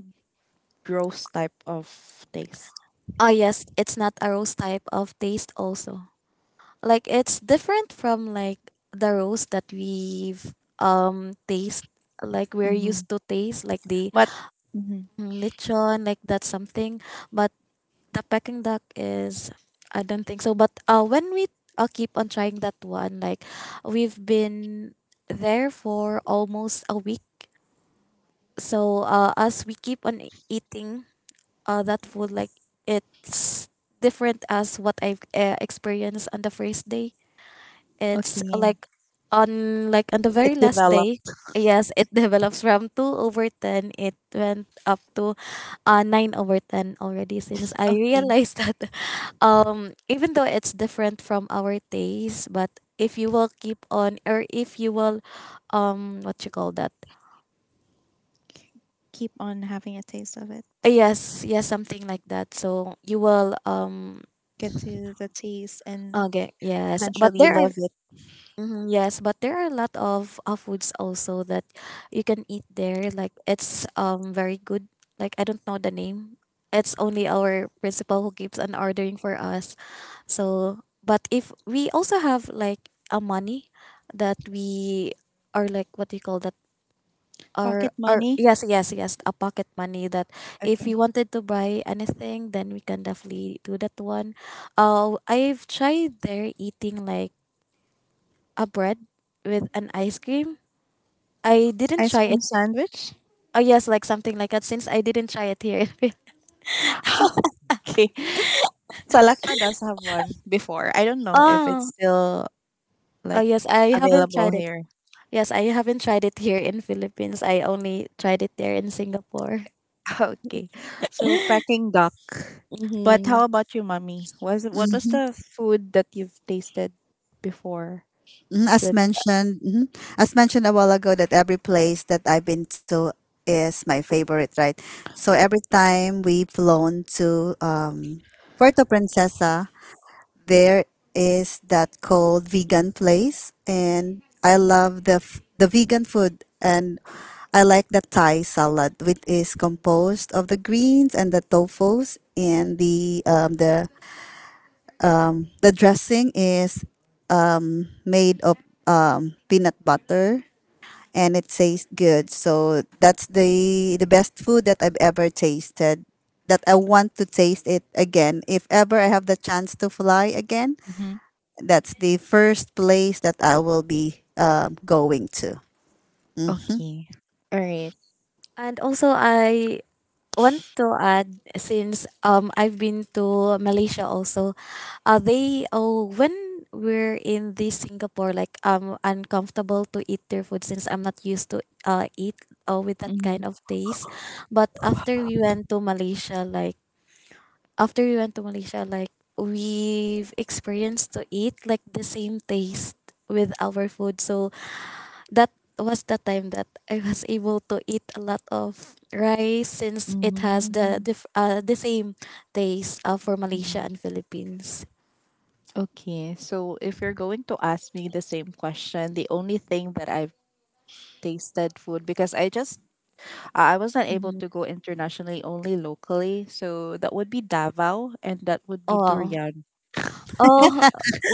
S1: gross type of taste.
S2: Oh yes, it's not a rose type of taste also. Like it's different from like the rose that we've um taste like we're
S1: Hmm.
S2: used to taste like the
S1: But, mhm,
S2: mm, lechon like that something, but the peking duck is I don't think so, but uh when we uh, keep on trying that one like we've been there for almost a week, so uh as we keep on eating, uh, that food like it's different as what I've uh, experienced on the first day. It's
S1: okay.
S2: like on like on the
S1: It
S2: very last
S1: developed.
S2: day. Yes, it develops from two over ten. It went up to uh, nine over ten already. Since I
S1: Okay.
S2: realized that, um, even though it's different from our taste, but if you will keep on or if you will, um, what you call that? Uh,
S1: K- Keep on having a taste of it.
S2: Yes, yes, something like that. So you will um.
S1: Get to the taste and
S2: Okay, yes, but
S1: eventually
S2: there are
S1: love it.
S2: mhm, yes, but there are a lot of uh, foods also that you can eat there. Like it's um very good. Like I don't know the name. It's only our principal who keeps on ordering for us. So, but if we also have like a money that we are like what do you call that?
S1: Pocket
S2: Our our
S1: money.
S2: yes yes yes a pocket money that if we
S1: Okay.
S2: wanted to buy anything, then we can definitely do that one. Uh, I've tried there eating like a bread with an ice cream. I didn't
S1: Ice
S2: try it.
S1: cream sandwich?
S2: Oh yes, like something like that. Since I didn't try it here.
S1: Okay. Salakta does have one before. I don't know if it's
S2: Oh,
S1: still
S2: oh
S1: like
S2: yes, I haven't
S1: available
S2: tried it.
S1: here.
S2: Yes, I haven't tried it here in Philippines. I only tried it there in Singapore.
S1: Okay. So Peking duck. But
S2: Mm-hmm.
S1: how about you, mommy? Was, what was the food that you've tasted before?
S3: Mhm, as
S1: That.
S3: mentioned mhm. as mentioned a while ago that every place that I've been to is my favorite, right? So every time we've flown to um, Puerto Princesa, there is that called vegan place, and I love the f- the vegan food. And I like the Thai salad, which is composed of the greens and the tofus and the um, the the dressing is made of peanut butter, and it tastes good. So that's the the best food that I've ever tasted, that I want to taste it again if ever I have the chance to fly again.
S1: Mhm.
S3: That's the first place that I will be uh, going to. Hmm.
S1: Okay. All right.
S2: And also, I want to add since um I've been to Malaysia also, uh they oh when we're in the Singapore like I'm uncomfortable to eat their food since I'm not used to uh eat uh, with that
S1: Mm-hmm.
S2: kind of taste, but after we went to Malaysia like after we went to Malaysia like we've experienced to eat like the same taste with our food, so that was the time that I was able to eat a lot of rice since it has the
S1: Mm-hmm.
S2: diff- uh, the same taste uh, for Malaysia and Philippines.
S1: Okay. So if you're going to ask me the same question, the only thing that I've tasted food because I just Uh, I wasn't able
S2: Mhm.
S1: to go internationally, only locally. So that would be Davao and that would be
S2: Oh,
S1: durian.
S2: oh,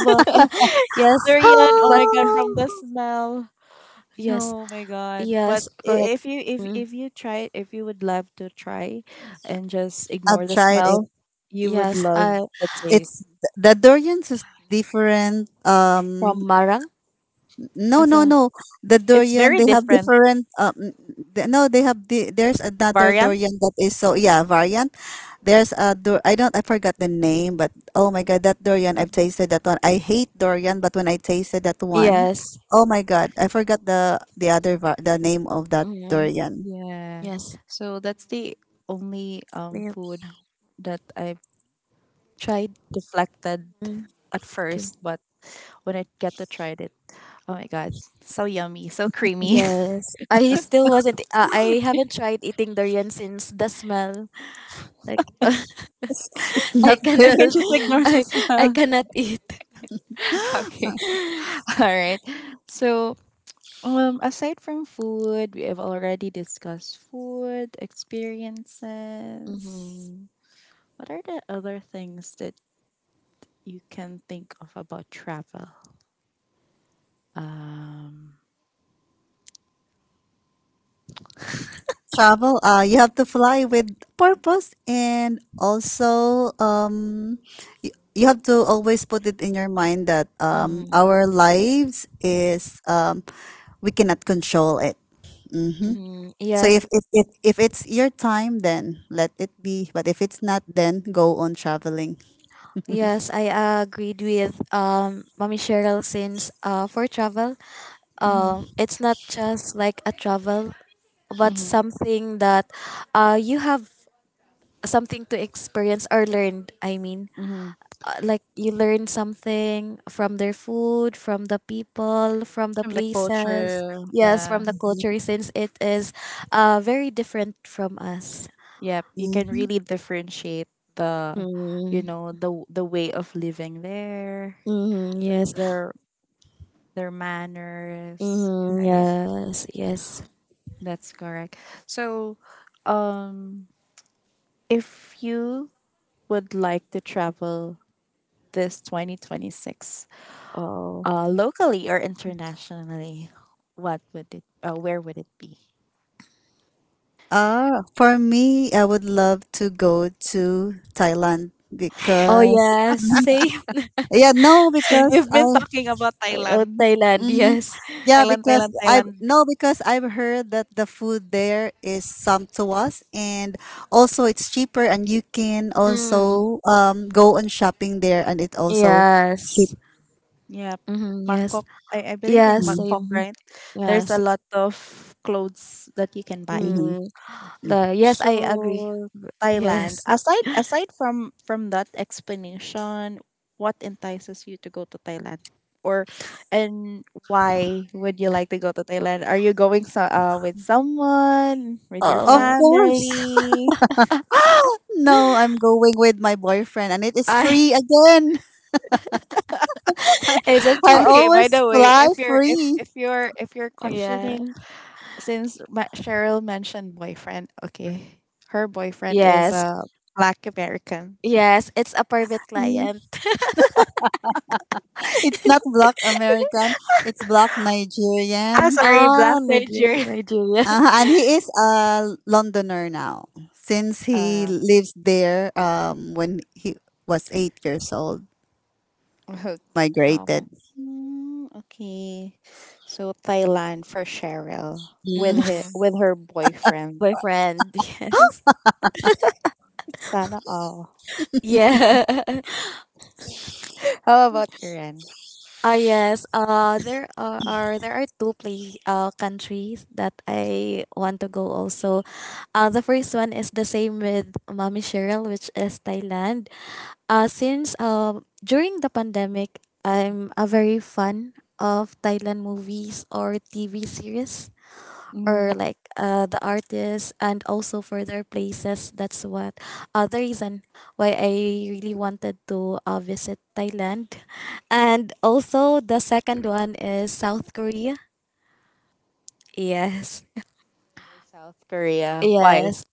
S2: but yes,
S1: Durian, oh
S2: but
S1: my god, from the smell.
S2: yes,
S1: No, my god. But
S2: yes,
S1: i-
S2: correct.
S1: if you if
S2: Mm,
S1: if you try, if you would love to try and just
S3: I've
S1: ignore the
S3: tried it.
S1: smell, you would
S2: yes,
S1: love
S2: I
S1: the
S3: It's
S1: taste.
S3: the durians is different.
S2: from
S3: Um,
S2: Marang.
S3: no, no,
S2: Also,
S3: no. The
S1: It's
S3: durian
S1: very
S3: they have
S1: different
S3: different. Um, the- no, they have the, there's another
S1: variant.
S3: durian that is so yeah variant. There's a dur- I don't I forgot the name, but oh my god, that durian I've tasted that one. I hate durian, but when I tasted that one,
S2: yes,
S3: oh my god, I forgot the the other var- the name of that
S2: mm,
S3: durian.
S1: Yeah.
S2: yes,
S1: So that's the only um
S2: I
S1: food that I've
S2: tried.
S1: deflected
S2: Mm,
S1: at
S2: okay.
S1: first, but when I get to try it, oh my god, so yummy, so creamy.
S2: Yes, I still wasn't. Uh, I haven't tried eating durian since the smell. Like
S3: It's
S2: I
S3: not
S1: We
S2: cannot
S3: good.
S1: can just ignore the
S2: I I
S1: smell.
S2: cannot eat.
S1: Okay, all right. So, um, aside from food, we have already discussed food experiences.
S2: Mm-hmm.
S1: What are the other things that you can think of about travel? Um.
S3: Travel, uh you have to fly with purpose, and also um you, you have to always put it in your mind that um
S2: Mm-hmm.
S3: our lives is um we cannot control it. Mm-hmm.
S2: Mm-hmm.
S3: So
S2: Yes,
S3: if, if if if it's your time, then let it be, but if it's not, then go on traveling.
S2: yes, I agreed with um Mommy Cheryl since uh for travel,
S1: Mm-hmm,
S2: um it's not just like a travel but
S1: mm-hmm,
S2: something that uh you have something to experience or learned, i mean
S1: mm-hmm.
S2: uh, like you learn something from their food, from the people, from the
S1: From the
S2: places,
S1: culture,
S2: yes
S1: yeah.
S2: from the culture since it is uh very different from us.
S1: Yep, you can
S3: Mm-hmm.
S1: really differentiate the, you
S2: Mm,
S1: know, the w- the way of living there,
S2: mm, yes.
S1: their their manners,
S2: Mm,
S1: right?
S2: yes, yes.
S1: That's correct. So, um, if you would like to travel this twenty twenty-six,
S2: Oh.
S1: uh, locally or internationally, what would it, uh, where would it be?
S3: Uh, for me, I would love to go to Thailand
S2: Oh
S3: because
S2: yeah,
S3: mhm,
S2: same,
S3: yeah, no,
S2: same.
S3: because
S1: You've been
S3: I
S1: talking about
S2: Oh,
S1: Thailand,
S2: Thailand,
S3: mm,
S2: yes.
S3: Yeah,
S1: Thailand,
S3: because
S1: Thailand,
S3: I've
S1: Thailand.
S3: no, because I've heard that the food there is sumptuous, and also it's cheaper, and you can
S2: Mm,
S3: also um go on shopping there, and it also cheap.
S2: yes.
S1: Yeah,
S2: Mm, yes.
S1: Bangkok. I, I believe in
S2: Yes,
S1: Bangkok,
S2: same.
S3: Hmm,
S1: right? There's a
S2: Yes.
S1: lot of clothes that you can buy.
S3: hmm.
S2: Mm, the Yes, I agree.
S1: So Thailand.
S2: Yes.
S1: Aside aside from from that explanation, what entices you to go to Thailand? Or and why would you like to go to Thailand? Are you going so, uh, with someone, with your
S3: Of
S2: Oh,
S3: course.
S1: family?
S3: No, I'm going with my boyfriend, and it is
S2: I
S3: free again.
S2: it's a
S3: I
S2: per-
S1: Okay, by
S3: always
S1: the way,
S3: fly
S1: if you're if
S3: free.
S1: if you're if you're
S2: yeah.
S1: questioning, since Ma- Cheryl mentioned boyfriend, okay, her boyfriend is
S2: Yes.
S1: a Black American.
S2: Yes, it's a private client.
S3: Mm. It's not black American, it's black
S1: I'm
S3: Nigerian.
S1: sorry,
S2: Ah,
S1: Black
S2: Nigeria,
S1: Nigerian.
S2: Nigeria.
S3: Uh and he is a Londoner now since he
S1: Um,
S3: lives there um, when he was eight years old,
S1: okay.
S3: migrated.
S2: Oh.
S1: Mm, okay. So Thailand for Cheryl with
S3: Mm.
S1: his,
S2: Mm-hmm.
S1: with her boyfriend.
S2: Boyfriend, yes.
S1: Sana all.
S2: Yeah.
S1: How about your end?
S2: Ah yes, uh, there are, are there are two place uh, countries that I want to go also. Uh, the first one is the same with Mommy Cheryl, which is Thailand. Uh, since um during the pandemic, I'm a very fan of Thailand movies or T V series
S1: Mm.
S2: or like uh, the artists and also for their places, that's what uh, the reason why I really wanted to uh, visit Thailand. And also the second one is South Korea. Yes.
S1: South Korea. Why?
S2: Yes,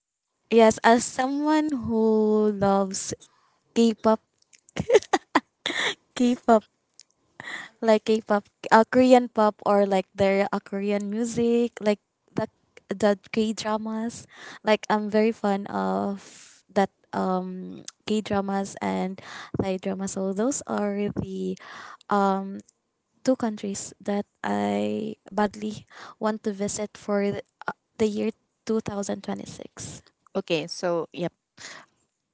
S2: yes, as someone who loves k-pop k-pop like K-pop, uh, Korean pop, or like their uh, Korean music, like the the K dramas. Like I'm very fond of that um K dramas and Thai dramas. So those are the um two countries that I badly want to visit for th- the year two thousand twenty-six.
S1: Okay, so yep.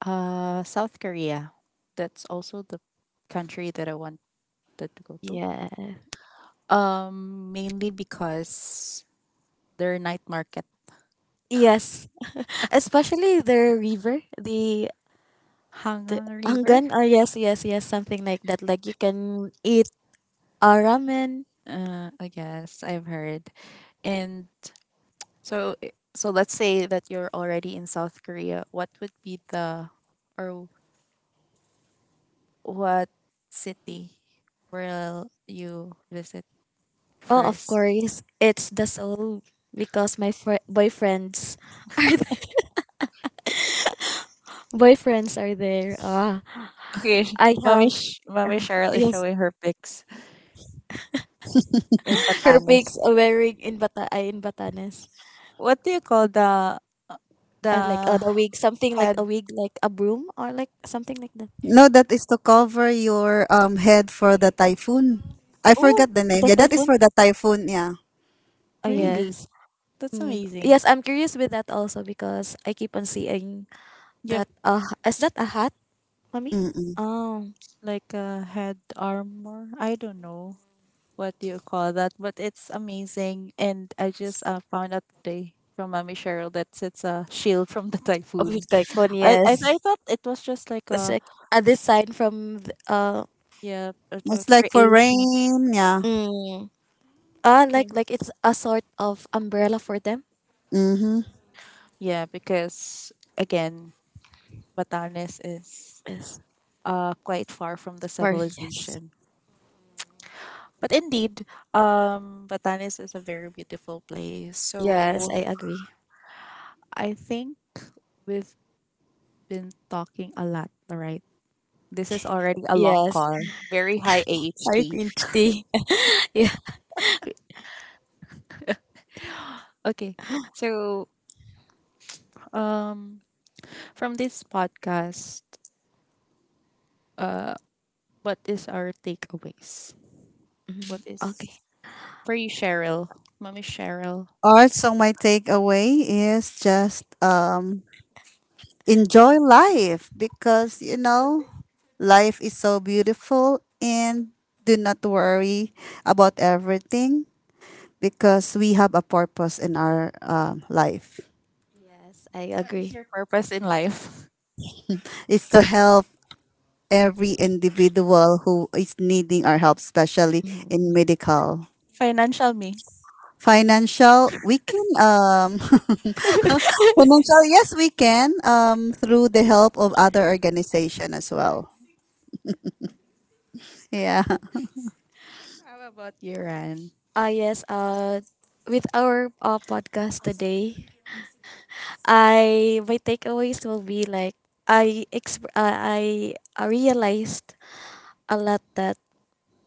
S1: Uh South Korea. That's also the country that I wanted to go to.
S2: Yeah.
S1: Um mainly because their night market.
S2: Yes. Especially their river, the the
S1: Hangang River?
S2: Angan, or yes, yes, yes, something like that. Like you can eat. Uh, ramen.
S1: Uh, I guess I've heard. And so i- so let's say that you're already in South Korea. What would be the or what city will you visit
S2: Oh, of
S1: first?
S2: course, it's the soul because my fr- boyfriends are there. Boyfriends are there. Ah,
S1: Okay, sh-
S2: I
S1: Mommy
S2: have
S1: Sh- Mommy Cheryl is
S2: yes,
S1: showing her pics in
S2: her
S1: Batanes.
S2: pigs are wearing in bata ay, in Batanes.
S1: What do you call the
S2: Uh, like uh,
S1: the
S2: the wig, something like a
S1: head?
S2: wig, like a broom or like something like that.
S3: No, that is to cover your um, head for the typhoon. I
S1: Oh,
S3: forgot the name.
S2: The
S3: Yeah, that is
S2: typhoon.
S3: for the typhoon. Yeah.
S2: Oh
S1: really?
S3: Mm-hmm.
S2: yes.
S1: That's
S2: Mm.
S1: amazing.
S2: Yes, I'm curious with that also because I keep on seeing
S1: Yep,
S2: that. Uh, is that a hat, mommy?
S3: Mm-mm.
S2: Oh,
S1: like a head armor. I don't know. What do you call that? But it's amazing, and I just uh, found out today from Mommy Cheryl that it's a shield from the
S2: of
S1: typhoon.
S2: which typhoon?
S1: I I,
S2: Yes.
S1: I thought it was just like
S2: It's
S1: a
S2: like a design from th- uh
S1: yeah a, a
S3: It's like for
S1: creation.
S3: rain. Yeah.
S2: mm, uh like
S1: Okay.
S2: like it's a sort of umbrella for them.
S3: Mm-hmm.
S1: Yeah, because again, Batanes is
S2: Yes,
S1: uh quite far from the
S2: for yes,
S1: civilization. But indeed, um, Batanes is a very beautiful place.
S2: yes,
S1: So
S2: I agree.
S1: I think we've been talking a lot, right? This is already a long
S2: Yes,
S1: call. Very high A H T.
S2: I tea. Yeah.
S1: Okay. So, um from this podcast, uh what is our takeaways?
S2: Mhm.
S1: What
S2: Okay.
S1: is for you, Cheryl? Mommy Cheryl.
S3: Also, my takeaway is just um, enjoy life, because you know life is so beautiful, and do not worry about everything, because we have a purpose in our um, life.
S2: Yes, I What
S1: What is
S2: agree.
S1: your purpose in life?
S3: It's to help every individual who is needing our help, especially in
S2: Mhm.
S3: medical,
S1: Financial me.
S3: financial, we can um financial, yes, we can um through the help of other organization as well. Yeah,
S1: How about you, Ran?
S2: Ah yes, uh with our uh, podcast today, I my takeaways will be like I exp- uh, I I realized a lot that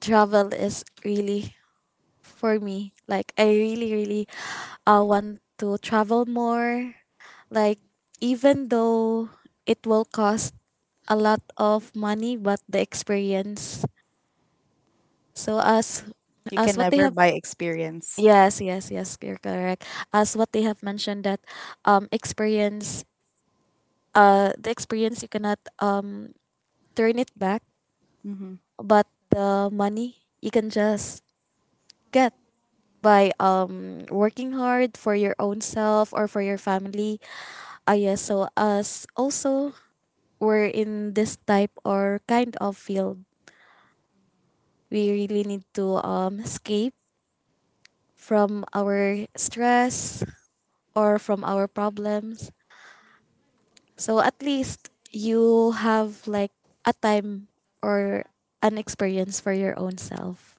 S2: travel is really for me. Like I really, really uh, want to travel more. Like even though it will cost a lot of money, but the experience. So as
S1: You
S2: as
S1: can
S2: what they
S1: never
S2: have
S1: buy experience.
S2: yes, yes, yes, you're correct. As what they have mentioned that um experience uh the experience you cannot um turn it back,
S1: Mhm.
S2: but the money you can just get by um working hard for your own self or for your family. Ah, yes. So, us also, we're in this type or kind of field, we really need to um, escape from our stress or from our problems. So, at least you have like a time or an experience for your own self.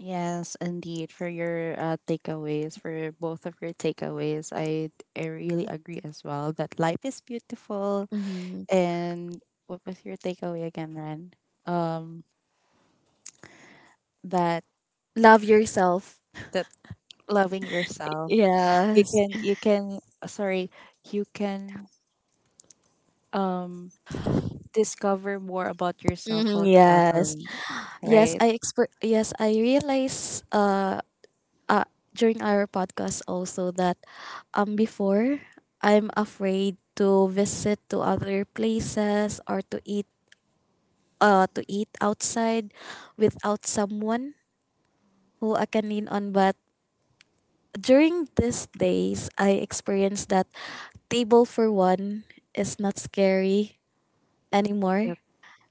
S1: Yes, indeed. For your uh, takeaways, for both of your takeaways, I I really agree as well that life is beautiful.
S2: Hmm.
S1: And what was your takeaway again, Ren? Um, that
S2: Love yourself.
S1: that loving yourself, you
S2: Yes.
S1: can you can uh, sorry, you can um discover more about yourself
S2: Mhm,
S1: while
S2: yes.
S1: traveling,
S2: Yes,
S1: right?
S2: I exper- yes, I realize uh uh, during our podcast also that um before I'm afraid to visit to other places or to eat uh to eat outside without someone who I can lean on, but during these days I experienced that table for one is not scary anymore
S1: Yep.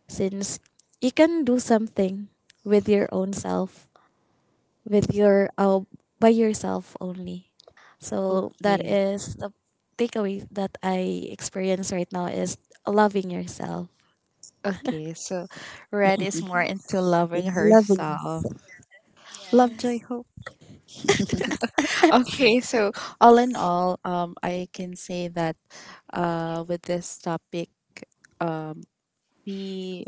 S2: since you can do something with your own self, with your uh, by yourself only. So that
S1: Okay.
S2: is the takeaway that I experience right now is loving yourself.
S1: Okay. So, Ren is more into loving
S3: love it.
S1: herself. Love, joy,
S2: Yes.
S1: hope. Okay, so all in all, um, I can say that uh, with this topic, um, we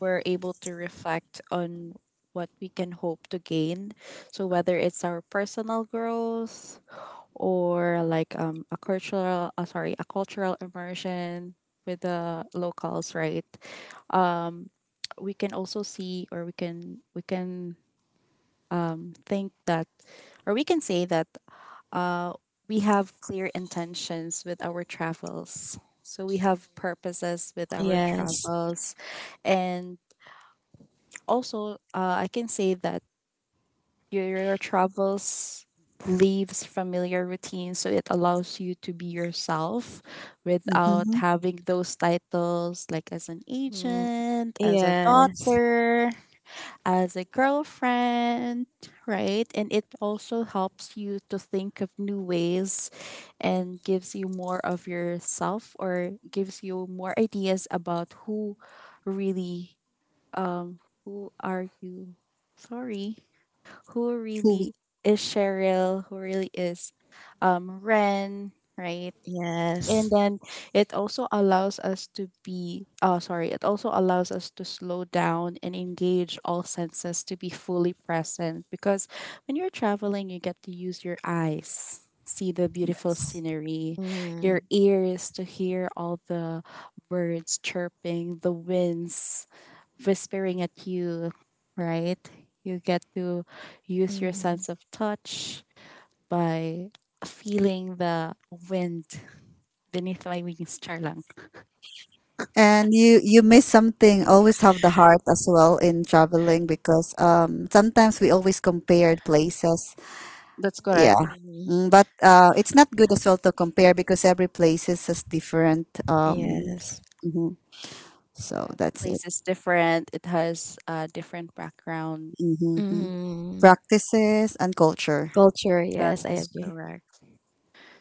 S1: were able to reflect on what we can hope to gain. So whether it's our personal growth or like um, a cultural, uh, sorry, a cultural immersion with the locals, right? Um, we can also see, or we can we can um, think that, or we can say that uh, we have clear intentions with our travels. So we have purposes with our
S2: Yes.
S1: travels. And also, uh, I can say that your, your travels leaves familiar routines, so it allows you to be yourself without
S3: Mhm.
S1: having those titles like as an
S2: Mm,
S1: agent, as a
S2: yes.
S1: daughter, as a girlfriend, right? And it also helps you to think of new ways and gives you more of yourself, or gives you more ideas about who really um who are you? Sorry. Who really is Cheryl, who really is um Ren, right? And
S2: Yes.
S1: then it also allows us to be oh sorry it also allows us to slow down and engage all senses to be fully present, because when you're traveling you get to use your eyes, see the beautiful scenery,
S2: Mm,
S1: your ears to hear all the birds chirping, the winds whispering at you, right? You get to use your
S2: mhm,
S1: sense of touch by feeling the wind beneath my wings, char lang.
S3: And you you miss something. Always have the heart as well in traveling, because um sometimes we always compared places.
S1: That's
S3: Yeah.
S1: correct.
S2: mm,
S3: Mm, but uh, it's not good as well to compare, because every place is as different. Um,
S2: Yes.
S3: mhm.
S1: Yeah,
S3: So
S1: every
S3: that's it.
S1: place is different. It has a different background.
S3: Hmm.
S2: Mm.
S3: Practices and culture.
S2: Culture,
S1: That
S2: yes, I
S1: is
S2: agree.
S1: correct.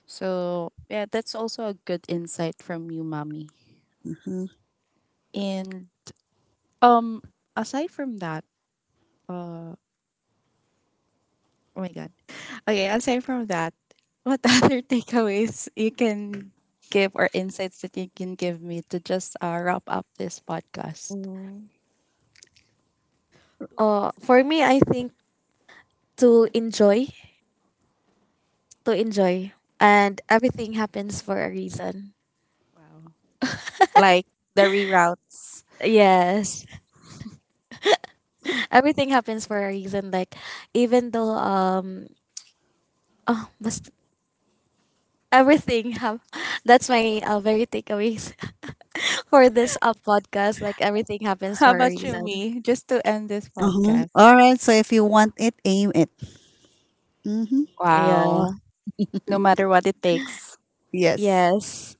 S1: So yeah, that's also a good insight from you, mommy.
S3: Mm-hmm.
S1: And um, aside from that, uh, oh my god. Okay, aside from that, what other takeaways you can give, or insights that you can give me to just uh, wrap up this podcast?
S2: Mm. Oh, for me, I think to enjoy, to enjoy, and everything happens for a reason.
S1: Wow, like the reroutes.
S2: Yes, everything happens for a reason, like even though um oh bas- everything have that's my uh, very takeaways for this uh, podcast, like everything happens
S1: How
S2: for a
S1: about you,
S2: reason.
S1: me? Just to end this
S3: Uh-huh.
S1: podcast.
S3: All right. So if you want it, aim it. Mm-hmm.
S2: Yeah.
S1: Wow. No matter what it takes.
S3: Yes.
S2: Yes.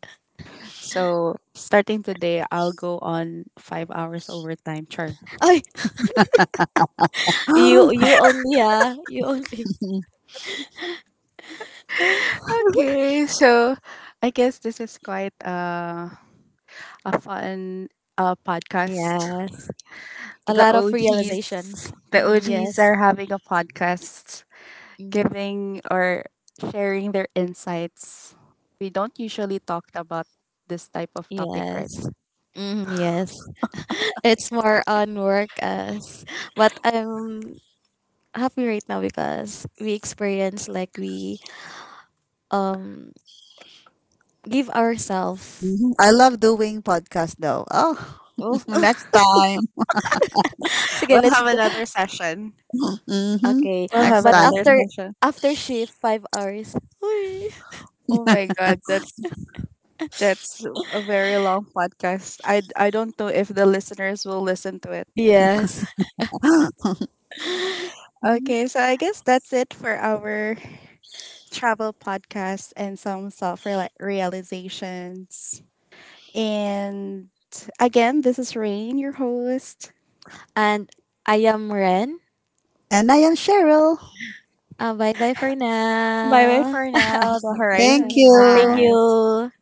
S1: So, starting today, I'll go on five hours overtime. Sure.
S2: Oh, you you only, yeah, you only.
S1: Okay. So, I guess this is quite uh, a fun uh, podcast.
S2: Yes, a
S1: The
S2: lot of
S1: O Gs,
S2: realizations.
S1: the
S2: Mhm,
S1: O Gs
S2: yes.
S1: are having a podcast,
S2: Mhm,
S1: giving or sharing their insights. We don't usually talk about this type of topic, right?
S2: yes. Mhm, yes. It's more on work as, but I'm happy right now because we experience like we um give ourselves.
S3: Mhm. I love doing podcast though. Oh,
S2: Oh,
S3: next time.
S2: sige,
S1: We'll
S2: let's
S1: have
S2: do.
S1: another session.
S3: Mm-hmm.
S2: Okay.
S1: We'll
S3: Next
S1: have
S2: But
S1: another
S2: after
S1: session.
S2: after shift five hours. Uy.
S1: Oh my god, that's that's a very long podcast. I I don't know if the listeners will listen to it.
S2: Yes.
S3: time.
S1: Okay, so I guess that's it for our travel podcast and some self realizations. And again, this is Rain, your host.
S2: And I am Ren.
S3: And I am Cheryl.
S2: Uh, bye bye for
S1: Bye bye
S2: now.
S1: for now. The
S3: Thank
S1: Horizons
S2: Bye. Thank
S3: you.
S1: class.
S2: you.